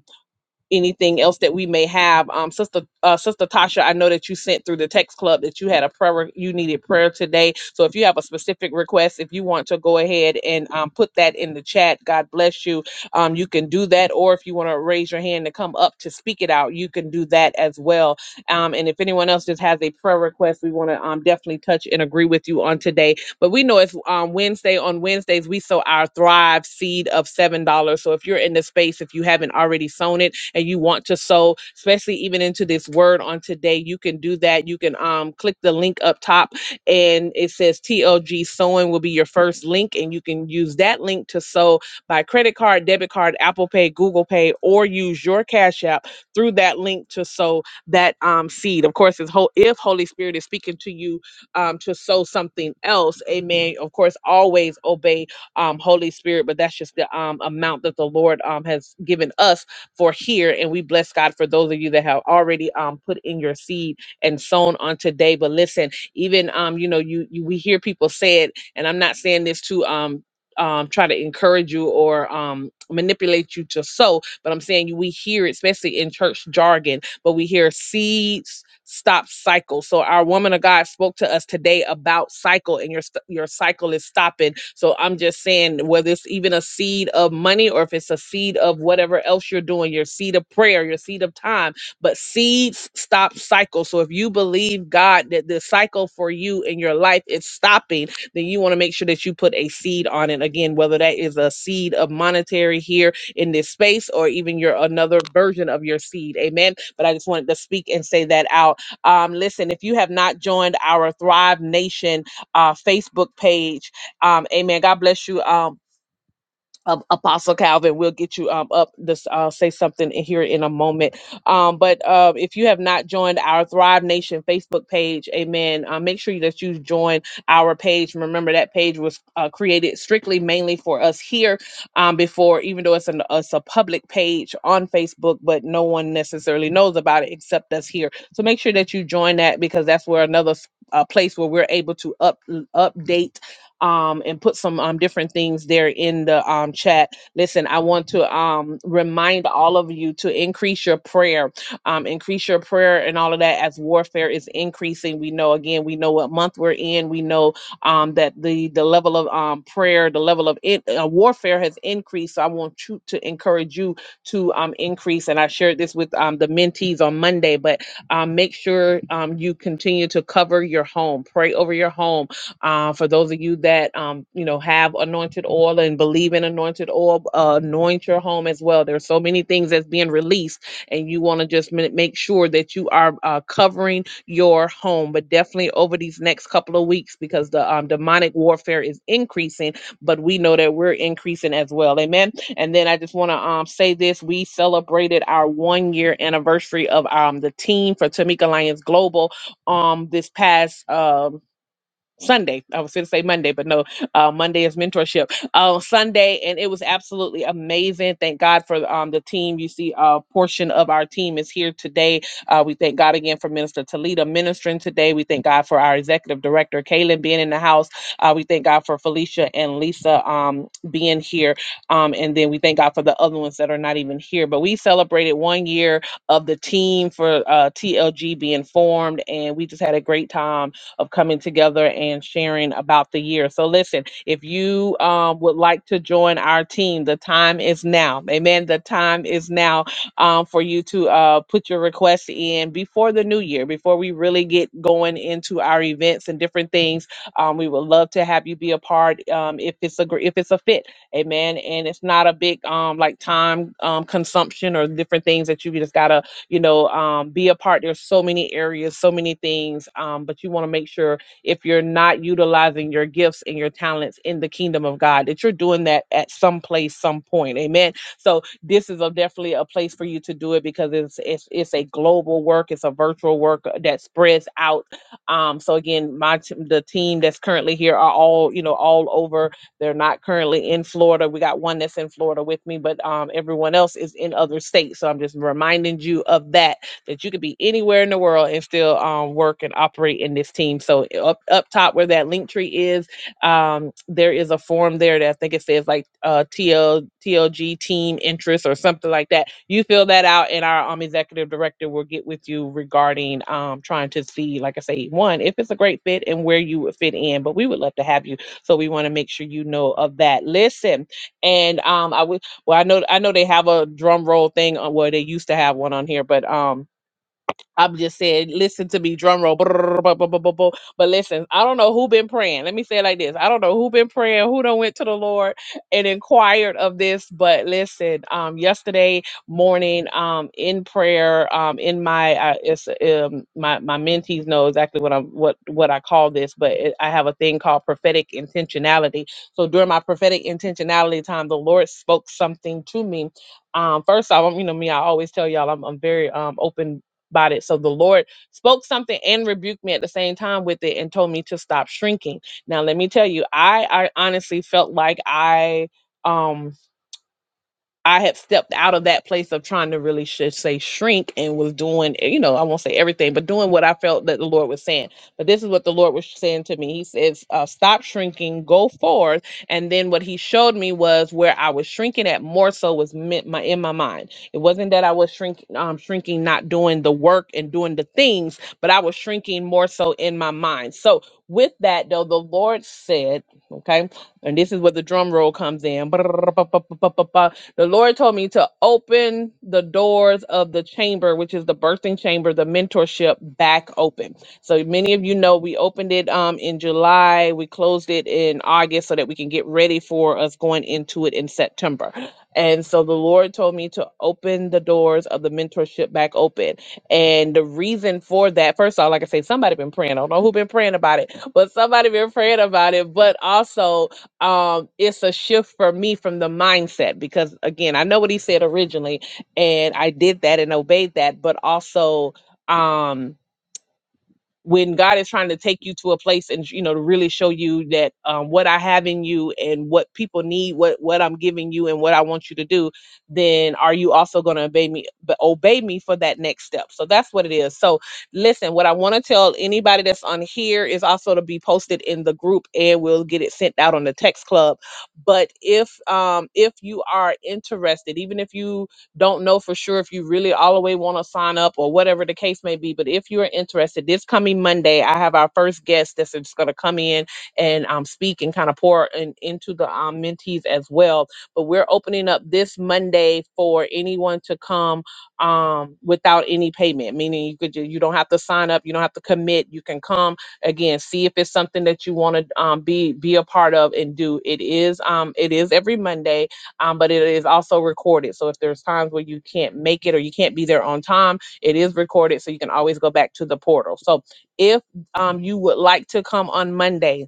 anything else that we may have. Um, Sister uh, Sister Tasha, I know that you sent through the text club that you had a prayer, you needed prayer today. So if you have a specific request, if you want to go ahead and um, put that in the chat, God bless you. Um, you can do that, or if you want to raise your hand to come up to speak it out, you can do that as well. Um, and if anyone else just has a prayer request, we want to um, definitely touch and agree with you on today but we know it's um, Wednesday. On Wednesdays, we sow our Thrive seed of $7. dollars. So if you're in the space, if you haven't already sown it and you want to sow, especially even into this word on today, you can do that. You can um, click the link up top and it says TLG Sowing will be your first link. And you can use that link to sow by credit card, debit card, Apple Pay, Google Pay, or use your Cash App through that link to sow that um, seed. Of course, it's whole, if Holy Spirit is speaking to you um, to sow something else. Amen. Of course, always obey um, Holy Spirit, but that's just the um, amount that the Lord um, has given us for here. And we bless God for those of you that have already um, put in your seed and sown on today. But listen, even um, you know, you, you we hear people say it, and I'm not saying this to um um, try to encourage you or um, manipulate you to sow, but I'm saying you, we hear, it, especially in church jargon, but we hear seeds stop cycle. So our woman of God spoke to us today about cycle, and your st- your cycle is stopping. So I'm just saying, whether it's even a seed of money or if it's a seed of whatever else you're doing, your seed of prayer, your seed of time, but seeds stop cycle. So if you believe God that the cycle for you in your life is stopping, then you want to make sure that you put a seed on it. Again, whether that is a seed of monetary here in this space or even your another version of your seed. Amen. But I just wanted to speak and say that out. Um, listen, if you have not joined our Thrive Nation uh, Facebook page, um, amen. God bless you. Um, um, Apostle Calvin, we'll get you um, up. This I'll say something in here in a moment. Um, but uh, if you have not joined our Thrive Nation Facebook page, Amen. Uh, make sure that you join our page. Remember that page was uh, created strictly mainly for us here. Um, before, even though it's an it's a public page on Facebook, but no one necessarily knows about it except us here. So make sure that you join that because that's where another s- uh, place where we're able to up update um, and put some um, different things there in the um, chat. Listen, I want to um, remind all of you to increase your prayer, um, increase your prayer and all of that as warfare is increasing. We know, again, we know what month we're in. We know um, that the, the level of um, prayer, the level of in, uh, warfare has increased. So I want you to encourage you to um, increase. And I shared this with um, the mentees on Monday, but um, make sure um, you continue to cover your home, pray over your home uh, for those of you that um, you know have anointed oil and believe in anointed oil, uh, anoint your home as well. There's so many things that's being released, and you want to just ma- make sure that you are uh, covering your home. But definitely over these next couple of weeks, because the um, demonic warfare is increasing, but we know that we're increasing as well. Amen. And then I just want to um, say this: we celebrated our one year anniversary of um, the team for Tamika Lyons Global um, this past. Um, Sunday. I was going to say Monday, but no, uh, Monday is mentorship. Uh, Sunday, and it was absolutely amazing. Thank God for um, the team. You see, a portion of our team is here today. Uh, we thank God again for Minister Talita ministering today. We thank God for our executive director, Kaylin, being in the house. Uh, we thank God for Felicia and Lisa um, being here. Um, and then we thank God for the other ones that are not even here. But we celebrated one year of the team for uh, TLG being formed, and we just had a great time of coming together and sharing about the year. So, listen, if you um, would like to join our team, the time is now. Amen. The time is now um, for you to uh, put your request in before the new year, before we really get going into our events and different things. Um, we would love to have you be a part um, if it's a gr- if it's a fit, amen. And it's not a big um, like time um, consumption or different things that you just gotta you know, um, be a part. There's so many areas, so many things, um, but you want to make sure if you're not utilizing your gifts and your talents in the kingdom of God, that you're doing that at some place, some point. Amen. So this is a, definitely a place for you to do it because it's it's it's a global work. It's a virtual work uh, that spreads out. Um, so again, my t- the team that's currently here are all you know all over they're not currently in Florida. We got one that's in Florida with me, but um, everyone else is in other states. So I'm just reminding you of that that you could be anywhere in the world and still um, work and operate in this team. So up up top where that link tree is, um, there is a form there that I think it says like uh, TL, TLG team interest or something like that. You fill that out, and our um, executive director will get with you regarding um, trying to see, like I say, one, if it's a great fit and where you would fit in. But we would love to have you so we want to make sure you know of that. Listen, and um, I would well, I know I know they have a drum roll thing on where well, they used to have one on here, but um, I'm just saying, listen to me, drum roll. brrrr, bu- bu- bu- bu- bu- But listen, I don't know who been praying. Let me say it like this. I don't know who been praying, who done went to the Lord and inquired of this. But listen, um, yesterday morning, um, in prayer, um, in my, uh, it's, um, my, my mentees know exactly what I'm, what, what I call this, but it, I have a thing called prophetic intentionality. So during my prophetic intentionality time, the Lord spoke something to me um first off I'm- you know me i always tell y'all i'm, I'm very um open about it. So the Lord spoke something and rebuked me at the same time with it and told me to stop shrinking. Now let me tell you, I, I honestly felt like I um I had stepped out of that place of trying to really should say shrink and was doing, eh, you know, I won't say everything, but doing what I felt that the Lord was saying. But this is what the Lord was saying to me. He says, uh, stop shrinking, go forth. And then what he showed me was where I was shrinking at more so was meant my in my mind. It wasn't that I was shrinking, um, shrinking, not doing the work and doing the things, but I was shrinking more so in my mind. So with that though, the Lord said, okay, and this is where the drum roll comes in. The Lord told me to open the doors of the chamber, which is the birthing chamber, the mentorship back open. So many of you know we opened it um, in July, we closed it in August so that we can get ready for us going into it in September. And so the Lord told me to open the doors of the mentorship back open. And the reason for that, first of all, like I say, somebody been praying. I don't know who been praying about it, but somebody been praying about it. But also, um, it's a shift for me from the mindset because again, I know what he said originally, and I did that and obeyed that, but also um when God is trying to take you to a place and you know to really show you that um, what I have in you and what people need, what what I'm giving you and what I want you to do, then are you also going to obey me? But obey me for that next step. So that's what it is. So listen, what I want to tell anybody that's on here is also to be posted in the group, and we'll get it sent out on the text club. But if um, if you are interested, even if you don't know for sure if you really all the way want to sign up or whatever the case may be. But if you are interested, this coming Monday, I have our first guest that's just going to come in and um, speak and kind of pour in, into the um, mentees as well. But we're opening up this Monday for anyone to come um, without any payment, meaning you could ju- you don't have to sign up, you don't have to commit. You can come again, see if it's something that you want to um, be be a part of and do. It is um, it is every Monday um, but it is also recorded. So if there's times where you can't make it or you can't be there on time, it is recorded. So you can always go back to the portal. So if um, you would like to come on Monday,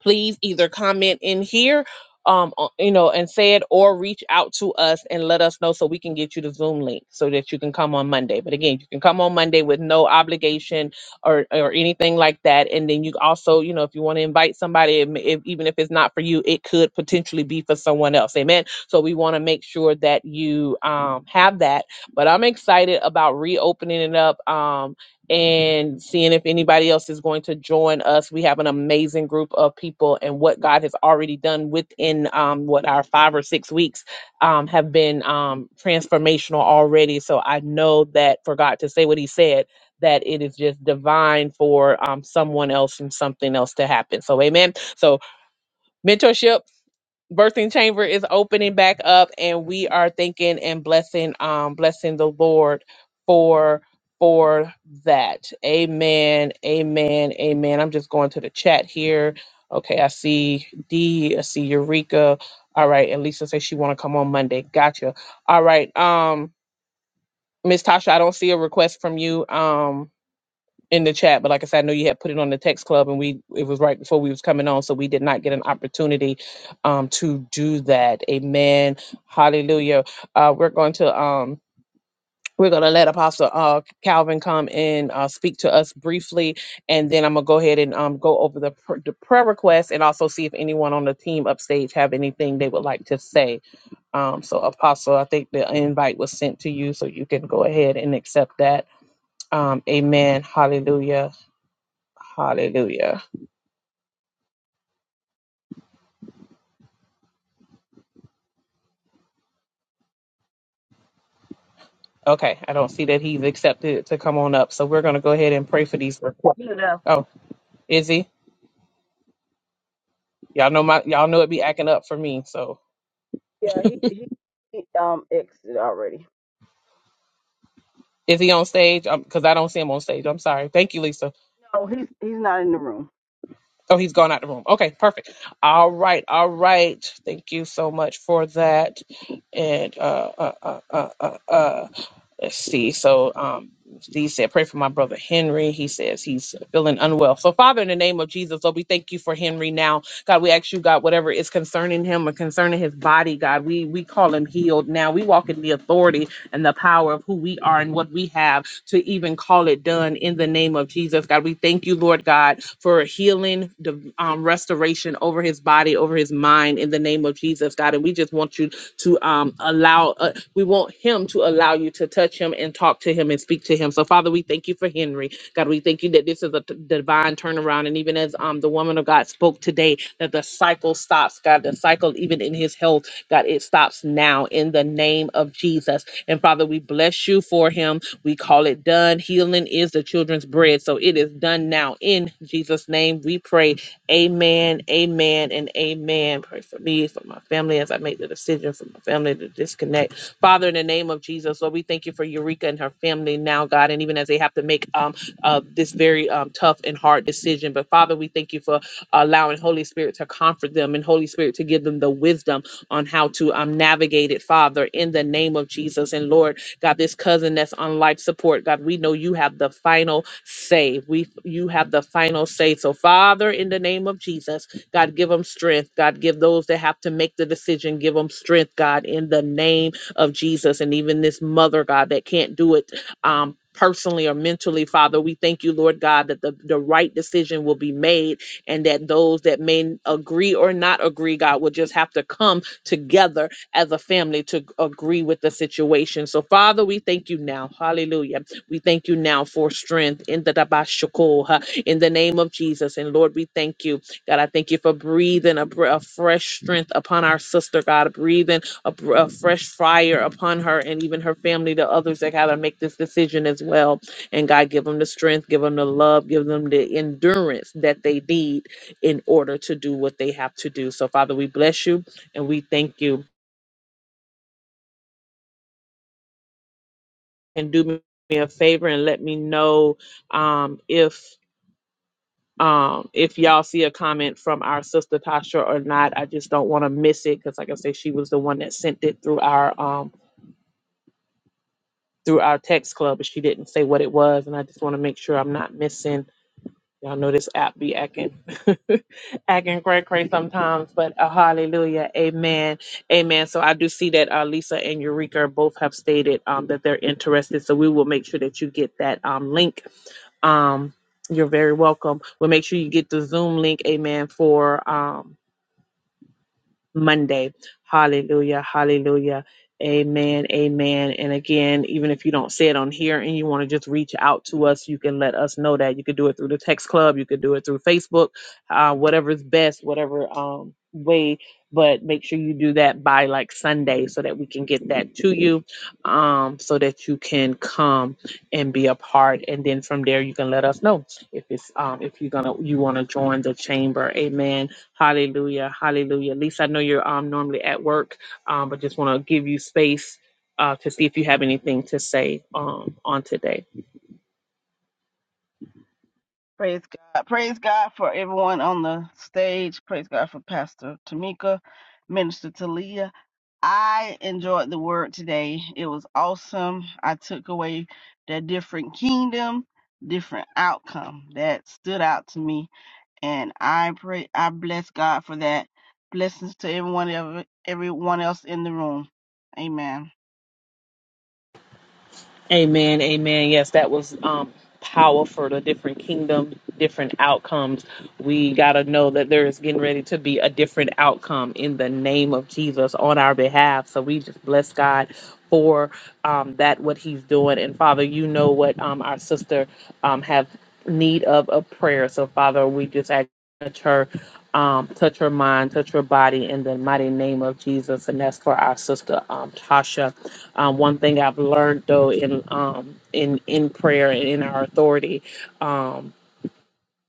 please either comment in here um o- you know and say it or reach out to us and let us know so we can get you the zoom link so that you can come on monday but again you can come on monday with no obligation or or anything like that and then you also you know if you want to invite somebody it may- if, even if it's not for you it could potentially be for someone else amen so we want to make sure that you um have that but i'm excited about reopening it up um and seeing if anybody else is going to join us. We have an amazing group of people, and what God has already done within um, what our five or six weeks um, have been um, transformational already. So I know that for God to say what He said, that it is just divine for um, someone else and something else to happen. So, amen. So, mentorship birthing chamber is opening back up and we are thanking and blessing um blessing the lord for for that amen amen amen i'm just going to the chat here okay i see d i see eureka all right and lisa says she want to come on monday gotcha all right um miss tasha i don't see a request from you um in the chat, but like I said, I know you had put it on the text club, and we it was right before we was coming on, so we did not get an opportunity um, to do that. Amen. Hallelujah. Uh, we're going to um, we're going to let Apostle uh, Calvin come and uh, speak to us briefly, and then I'm gonna go ahead and um, go over the, pr- the prayer request and also see if anyone on the team upstage have anything they would like to say. Um, so Apostle, I think the invite was sent to you, so you can go ahead and accept that. Um, amen. Hallelujah. Hallelujah. Okay, I don't see that he's accepted to come on up, so we're gonna go ahead and pray for these requests. You know. Oh, is he? Y'all know my y'all know it be acting up for me. So Yeah, he he, he um exited already. is he on stage? Because I don't see him on stage. I'm sorry. Thank you, Lisa. No, he's he's not in the room. Oh, he's gone out the room. Okay, perfect. All right, all right. Thank you so much for that. And uh, uh, uh, uh, uh, uh let's see. So um. He said, Pray for my brother Henry. He says he's feeling unwell. So, Father, in the name of Jesus, Lord, we thank you for Henry now. God, we ask you, God, whatever is concerning him or concerning his body, God, we, we call him healed now. We walk in the authority and the power of who we are and what we have to even call it done in the name of Jesus. God, we thank you, Lord God, for healing, the um, restoration over his body, over his mind in the name of Jesus, God. And we just want you to um, allow, uh, we want him to allow you to touch him and talk to him and speak to him. So, Father, we thank you for Henry. God, we thank you that this is a t- divine turnaround. And even as um, the woman of God spoke today, that the cycle stops, God, the cycle, even in his health, God, it stops now in the name of Jesus. And Father, we bless you for him. We call it done. Healing is the children's bread. So it is done now in Jesus' name. We pray. Amen, amen, and amen. Pray for me, for my family as I make the decision for my family to disconnect. Father, in the name of Jesus. Jesus. Lord, we thank you for Eureka and her family now, God, and even as they have to make um uh, this very um, tough and hard decision. But Father, we thank you for allowing Holy Spirit to comfort them and Holy Spirit to give them the wisdom on how to um, navigate it, Father, in the name of Jesus. And Lord, God, this cousin that's on life support, God, we know you have the final say. We you have the final say. So, Father, in the name of Jesus, God, give them strength. God, give those that have to make the decision, give them strength, God, in the name of Jesus and even this mother, God, that can't do it um, personally or mentally, Father. We thank you, Lord God, that the, the right decision will be made and that those that may agree or not agree, God, will just have to come together as a family to agree with the situation. So, Father, we thank you now. Hallelujah. We thank you now for strength in the Dabashoko, huh, in the name of Jesus. And Lord, we thank you. God, I thank you for breathing a, br- a fresh strength upon our sister, God, breathing a, a fresh fire upon her and even her family, the others that gotta make this decision as well. And God give them the strength, give them the love, give them the endurance that they need in order to do what they have to do. So Father, we bless you and we thank you. And do me a favor and let me know um, if um, if y'all see a comment from our sister Tasha or not. I just don't want to miss it because, like I say, she was the one that sent it through our um, through our text club, but she didn't say what it was. And I just want to make sure I'm not missing. Y'all know this app be acting, acting cray cray sometimes, but uh, hallelujah, amen, amen. So I do see that uh, Lisa and Eureka both have stated um, that they're interested. So we will make sure that you get that um, link. Um, you're very welcome. We'll make sure you get the Zoom link, amen, for um, Monday. Hallelujah. Hallelujah. Amen. Amen. And again, even if you don't say it on here and you want to just reach out to us, you can let us know that. You could do it through the text club, you could do it through Facebook, uh, whatever is best, whatever um, way. But make sure you do that by like Sunday so that we can get that to you um, so that you can come and be a part. And then from there, you can let us know if it's um, if you're gonna you want to join the chamber. Amen Hallelujah. Hallelujah. Lisa, I know you're um, normally at work, um, but just want to give you space uh, to see if you have anything to say um, on today. Praise God. Praise God for everyone on the stage. Praise God for Pastor Tamika, Minister Talia. I enjoyed the word today. It was awesome. I took away that different kingdom, different outcome that stood out to me. And I pray I bless God for that. Blessings to everyone ever everyone else in the room. Amen. Amen, amen. Yes, that was um powerful. The different kingdom, different outcomes. We gotta know that there is getting ready to be a different outcome in the name of Jesus on our behalf. So we just bless God for um that what He's doing. And Father, you know what um our sister um have need of a prayer. So Father, we just ask you to touch her. Um, touch her mind, touch her body in the mighty name of Jesus. And that's for our sister um, Tasha. Um, one thing I've learned though in um, in in prayer and in our authority. Um,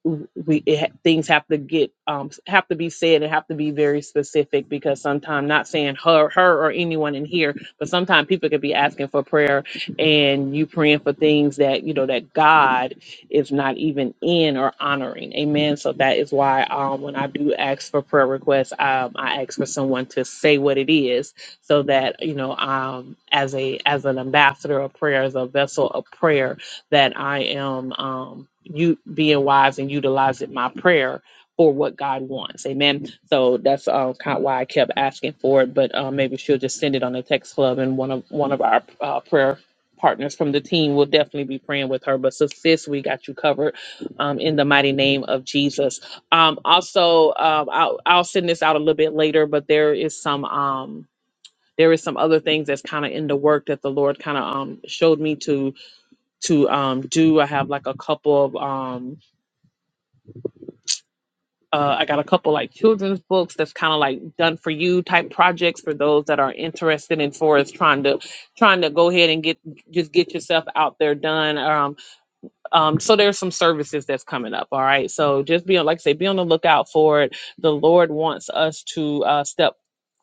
w- we it, ha- things have to get um s- have to be said and have to be very specific because sometimes not saying her her or anyone in here but sometimes people could be asking for prayer and you praying for things that you know that god is not even in or honoring amen so that is why um when i do ask for prayer requests um i ask for someone to say what it is so that you know um as a as an ambassador of prayer as a vessel of prayer that I am um, you being wise and utilizing my prayer for what God wants. Amen. So that's uh, kind of why I kept asking for it. But uh, maybe she'll just send it on the text club, and one of one of our uh, prayer partners from the team will definitely be praying with her. But so sis, we got you covered um, in the mighty name of Jesus. Um, also, um, I'll, I'll send this out a little bit later, but there is some. Um, there is some other things that's kind of in the work that the Lord kind of um, showed me to to um do. I have like a couple of um uh, I got a couple like children's books that's kind of like done for you type projects for those that are interested in for us trying to trying to go ahead and get just get yourself out there done. um. Um, so there's some services that's coming up. All right. So just be on, like I say, be on the lookout for it. The Lord wants us to uh, step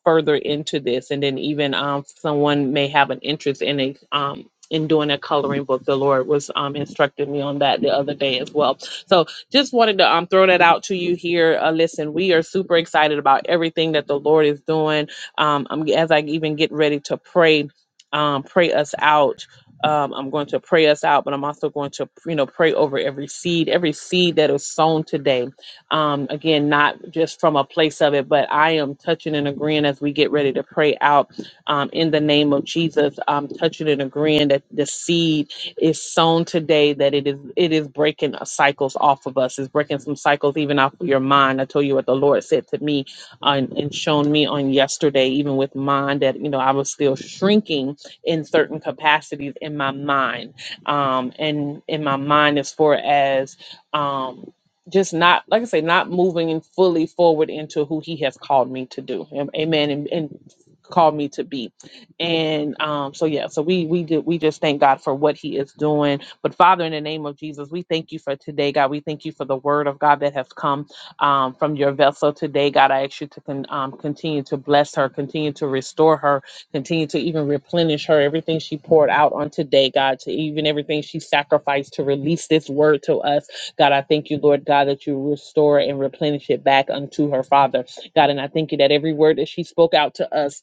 further into this, and then even um, someone may have an interest in a um, in doing a coloring book. The Lord was um, instructing me on that the other day as well. So just wanted to um, throw that out to you here. Uh, listen, we are super excited about everything that the Lord is doing. Um, I'm, as I even get ready to pray. Um, pray us out um, I'm going to pray us out, but I'm also going to, you know, pray over every seed, every seed that is sown today. Um, again, not just from a place of it, but I am touching and agreeing as we get ready to pray out um, in the name of Jesus. I'm touching and agreeing that the seed is sown today, that it is it is breaking uh, cycles off of us. It's breaking some cycles even off of your mind. I told you what the Lord said to me on, and and shown me on yesterday, even with mine, that you know I was still shrinking in certain capacities in my mind. Um, and in my mind, as far as um, just not, like I say, not moving fully forward into who He has called me to do. Am- Amen. And, and called me to be and um so yeah so we we did we just thank god for what he is doing but father in the name of jesus we thank you for today god we thank you for the word of god that has come um, from your vessel today god i ask you to con- um, continue to bless her continue to restore her Continue to even replenish her, everything she poured out on today, God, to even everything she sacrificed to release this word to us. God, I thank you, Lord God, that you restore and replenish it back unto her, Father. God, and I thank you that every word that she spoke out to us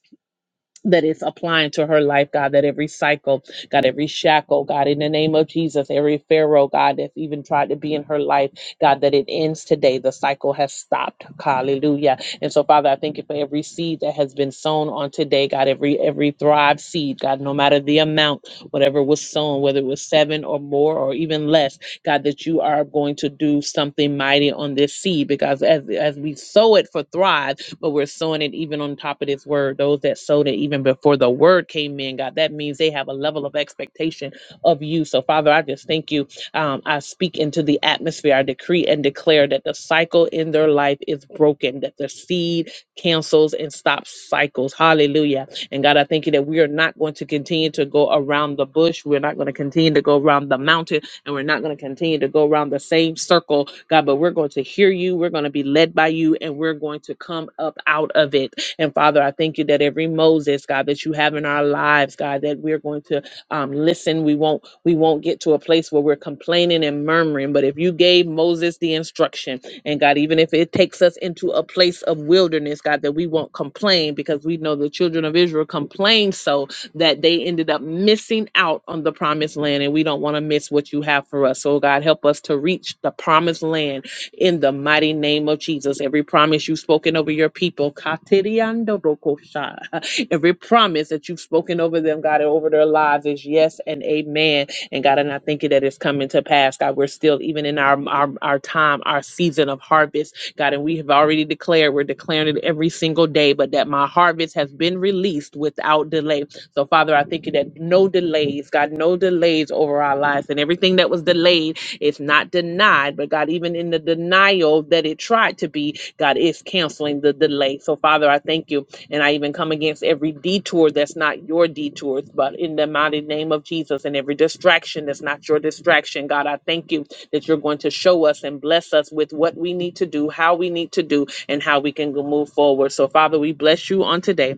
that it's applying to her life, God, that every cycle, God, every shackle, God, in the name of Jesus, every Pharaoh, God, that's even tried to be in her life, God, that it ends today. The cycle has stopped. Hallelujah. And so, Father, I thank you for every seed that has been sown on today, God, every every thrive seed, God, no matter the amount, whatever was sown, whether it was seven or more or even less, God, that you are going to do something mighty on this seed because as, as we sow it for thrive, but we're sowing it even on top of this word. Those that sowed it even before the word came in, God, that means they have a level of expectation of you. So, Father, I just thank you. Um, I speak into the atmosphere. I decree and declare that the cycle in their life is broken, that the seed cancels and stops cycles. Hallelujah. And God, I thank you that we are not going to continue to go around the bush. We're not going to continue to go around the mountain and we're not going to continue to go around the same circle, God, but we're going to hear you. We're going to be led by you, and we're going to come up out of it. And Father, I thank you that every Moses, God, that you have in our lives, God, that we're going to um, listen. We won't we won't get to a place where we're complaining and murmuring. But if you gave Moses the instruction, and God, even if it takes us into a place of wilderness, God, that we won't complain because we know the children of Israel complained so that they ended up missing out on the promised land. And we don't want to miss what you have for us. So, God, help us to reach the promised land in the mighty name of Jesus. Every promise you've spoken over your people, every promise that you've spoken over them, God, and over their lives is yes and amen. And God, and I thank you that it's coming to pass. God, we're still even in our, our our time, our season of harvest. God, and we have already declared, we're declaring it every single day, but that my harvest has been released without delay. So, Father, I thank you that no delays, God, no delays over our lives. And everything that was delayed is not denied. But God, even in the denial that it tried to be, God is canceling the delay. So, Father, I thank you. And I even come against every detour that's not your detours, but in the mighty name of Jesus, and every distraction that's not your distraction, God, I thank you that you're going to show us and bless us with what we need to do, how we need to do, and how we can go- move forward. So, Father, we bless you on today.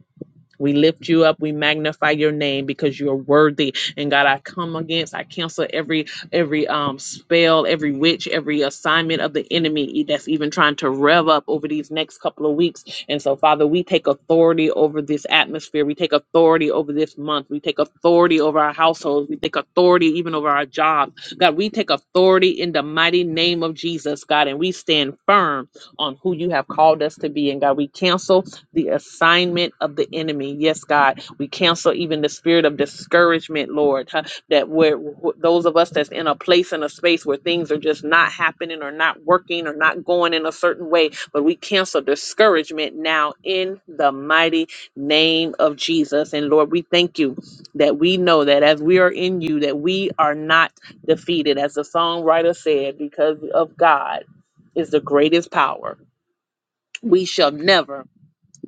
We lift you up. We magnify your name because you're worthy. And God, I come against, I cancel every every um spell, every witch, every assignment of the enemy that's even trying to rev up over these next couple of weeks. And so, Father, we take authority over this atmosphere. We take authority over this month. We take authority over our households. We take authority even over our jobs. God, we take authority in the mighty name of Jesus, God, and we stand firm on who you have called us to be. And God, we cancel the assignment of the enemy. Yes, God, we cancel even the spirit of discouragement, Lord, huh, that where wh- those of us that's in a place and a space where things are just not happening or not working or not going in a certain way, but we cancel discouragement now in the mighty name of Jesus. And Lord, we thank you that we know that as we are in you, that we are not defeated. As the songwriter said, because of God is the greatest power. We shall never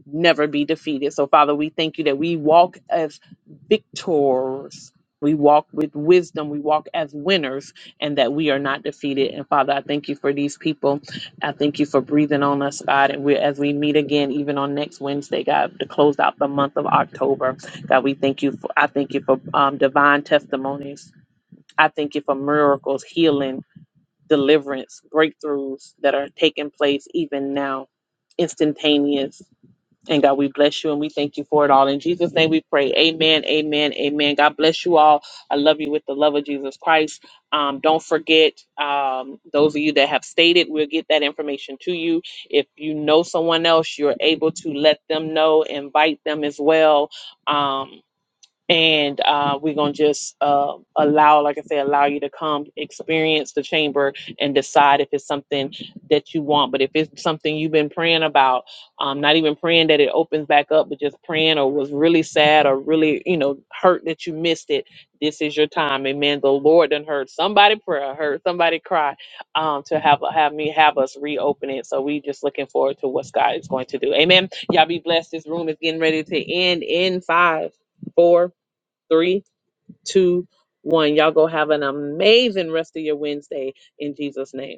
never be defeated. So, Father, we thank you that we walk as victors. We walk with wisdom. We walk as winners and that we are not defeated. And Father, I thank you for these people. I thank you for breathing on us, God. And we, as we meet again, even on next Wednesday, God, to close out the month of October, God, we thank you for, I thank you for um, divine testimonies. I thank you for miracles, healing, deliverance, breakthroughs that are taking place even now, instantaneous. And God, we bless you and we thank you for it all. In Jesus' name we pray. Amen. Amen. Amen. God bless you all. I love you with the love of Jesus Christ. Um, don't forget, um, those of you that have stated, we'll get that information to you. If you know someone else, you're able to let them know, invite them as well. Um, and uh, we're gonna just uh, allow, like I say, allow you to come experience the chamber and decide if it's something that you want. But if it's something you've been praying about, um, not even praying that it opens back up, but just praying or was really sad or really, you know, hurt that you missed it, this is your time. Amen. The Lord done heard somebody prayer, heard somebody cry, um, to have have me have us reopen it. So we just looking forward to what God is going to do. Amen. Y'all be blessed. This room is getting ready to end in five, four Three, two, one. Y'all go have an amazing rest of your Wednesday in Jesus' name.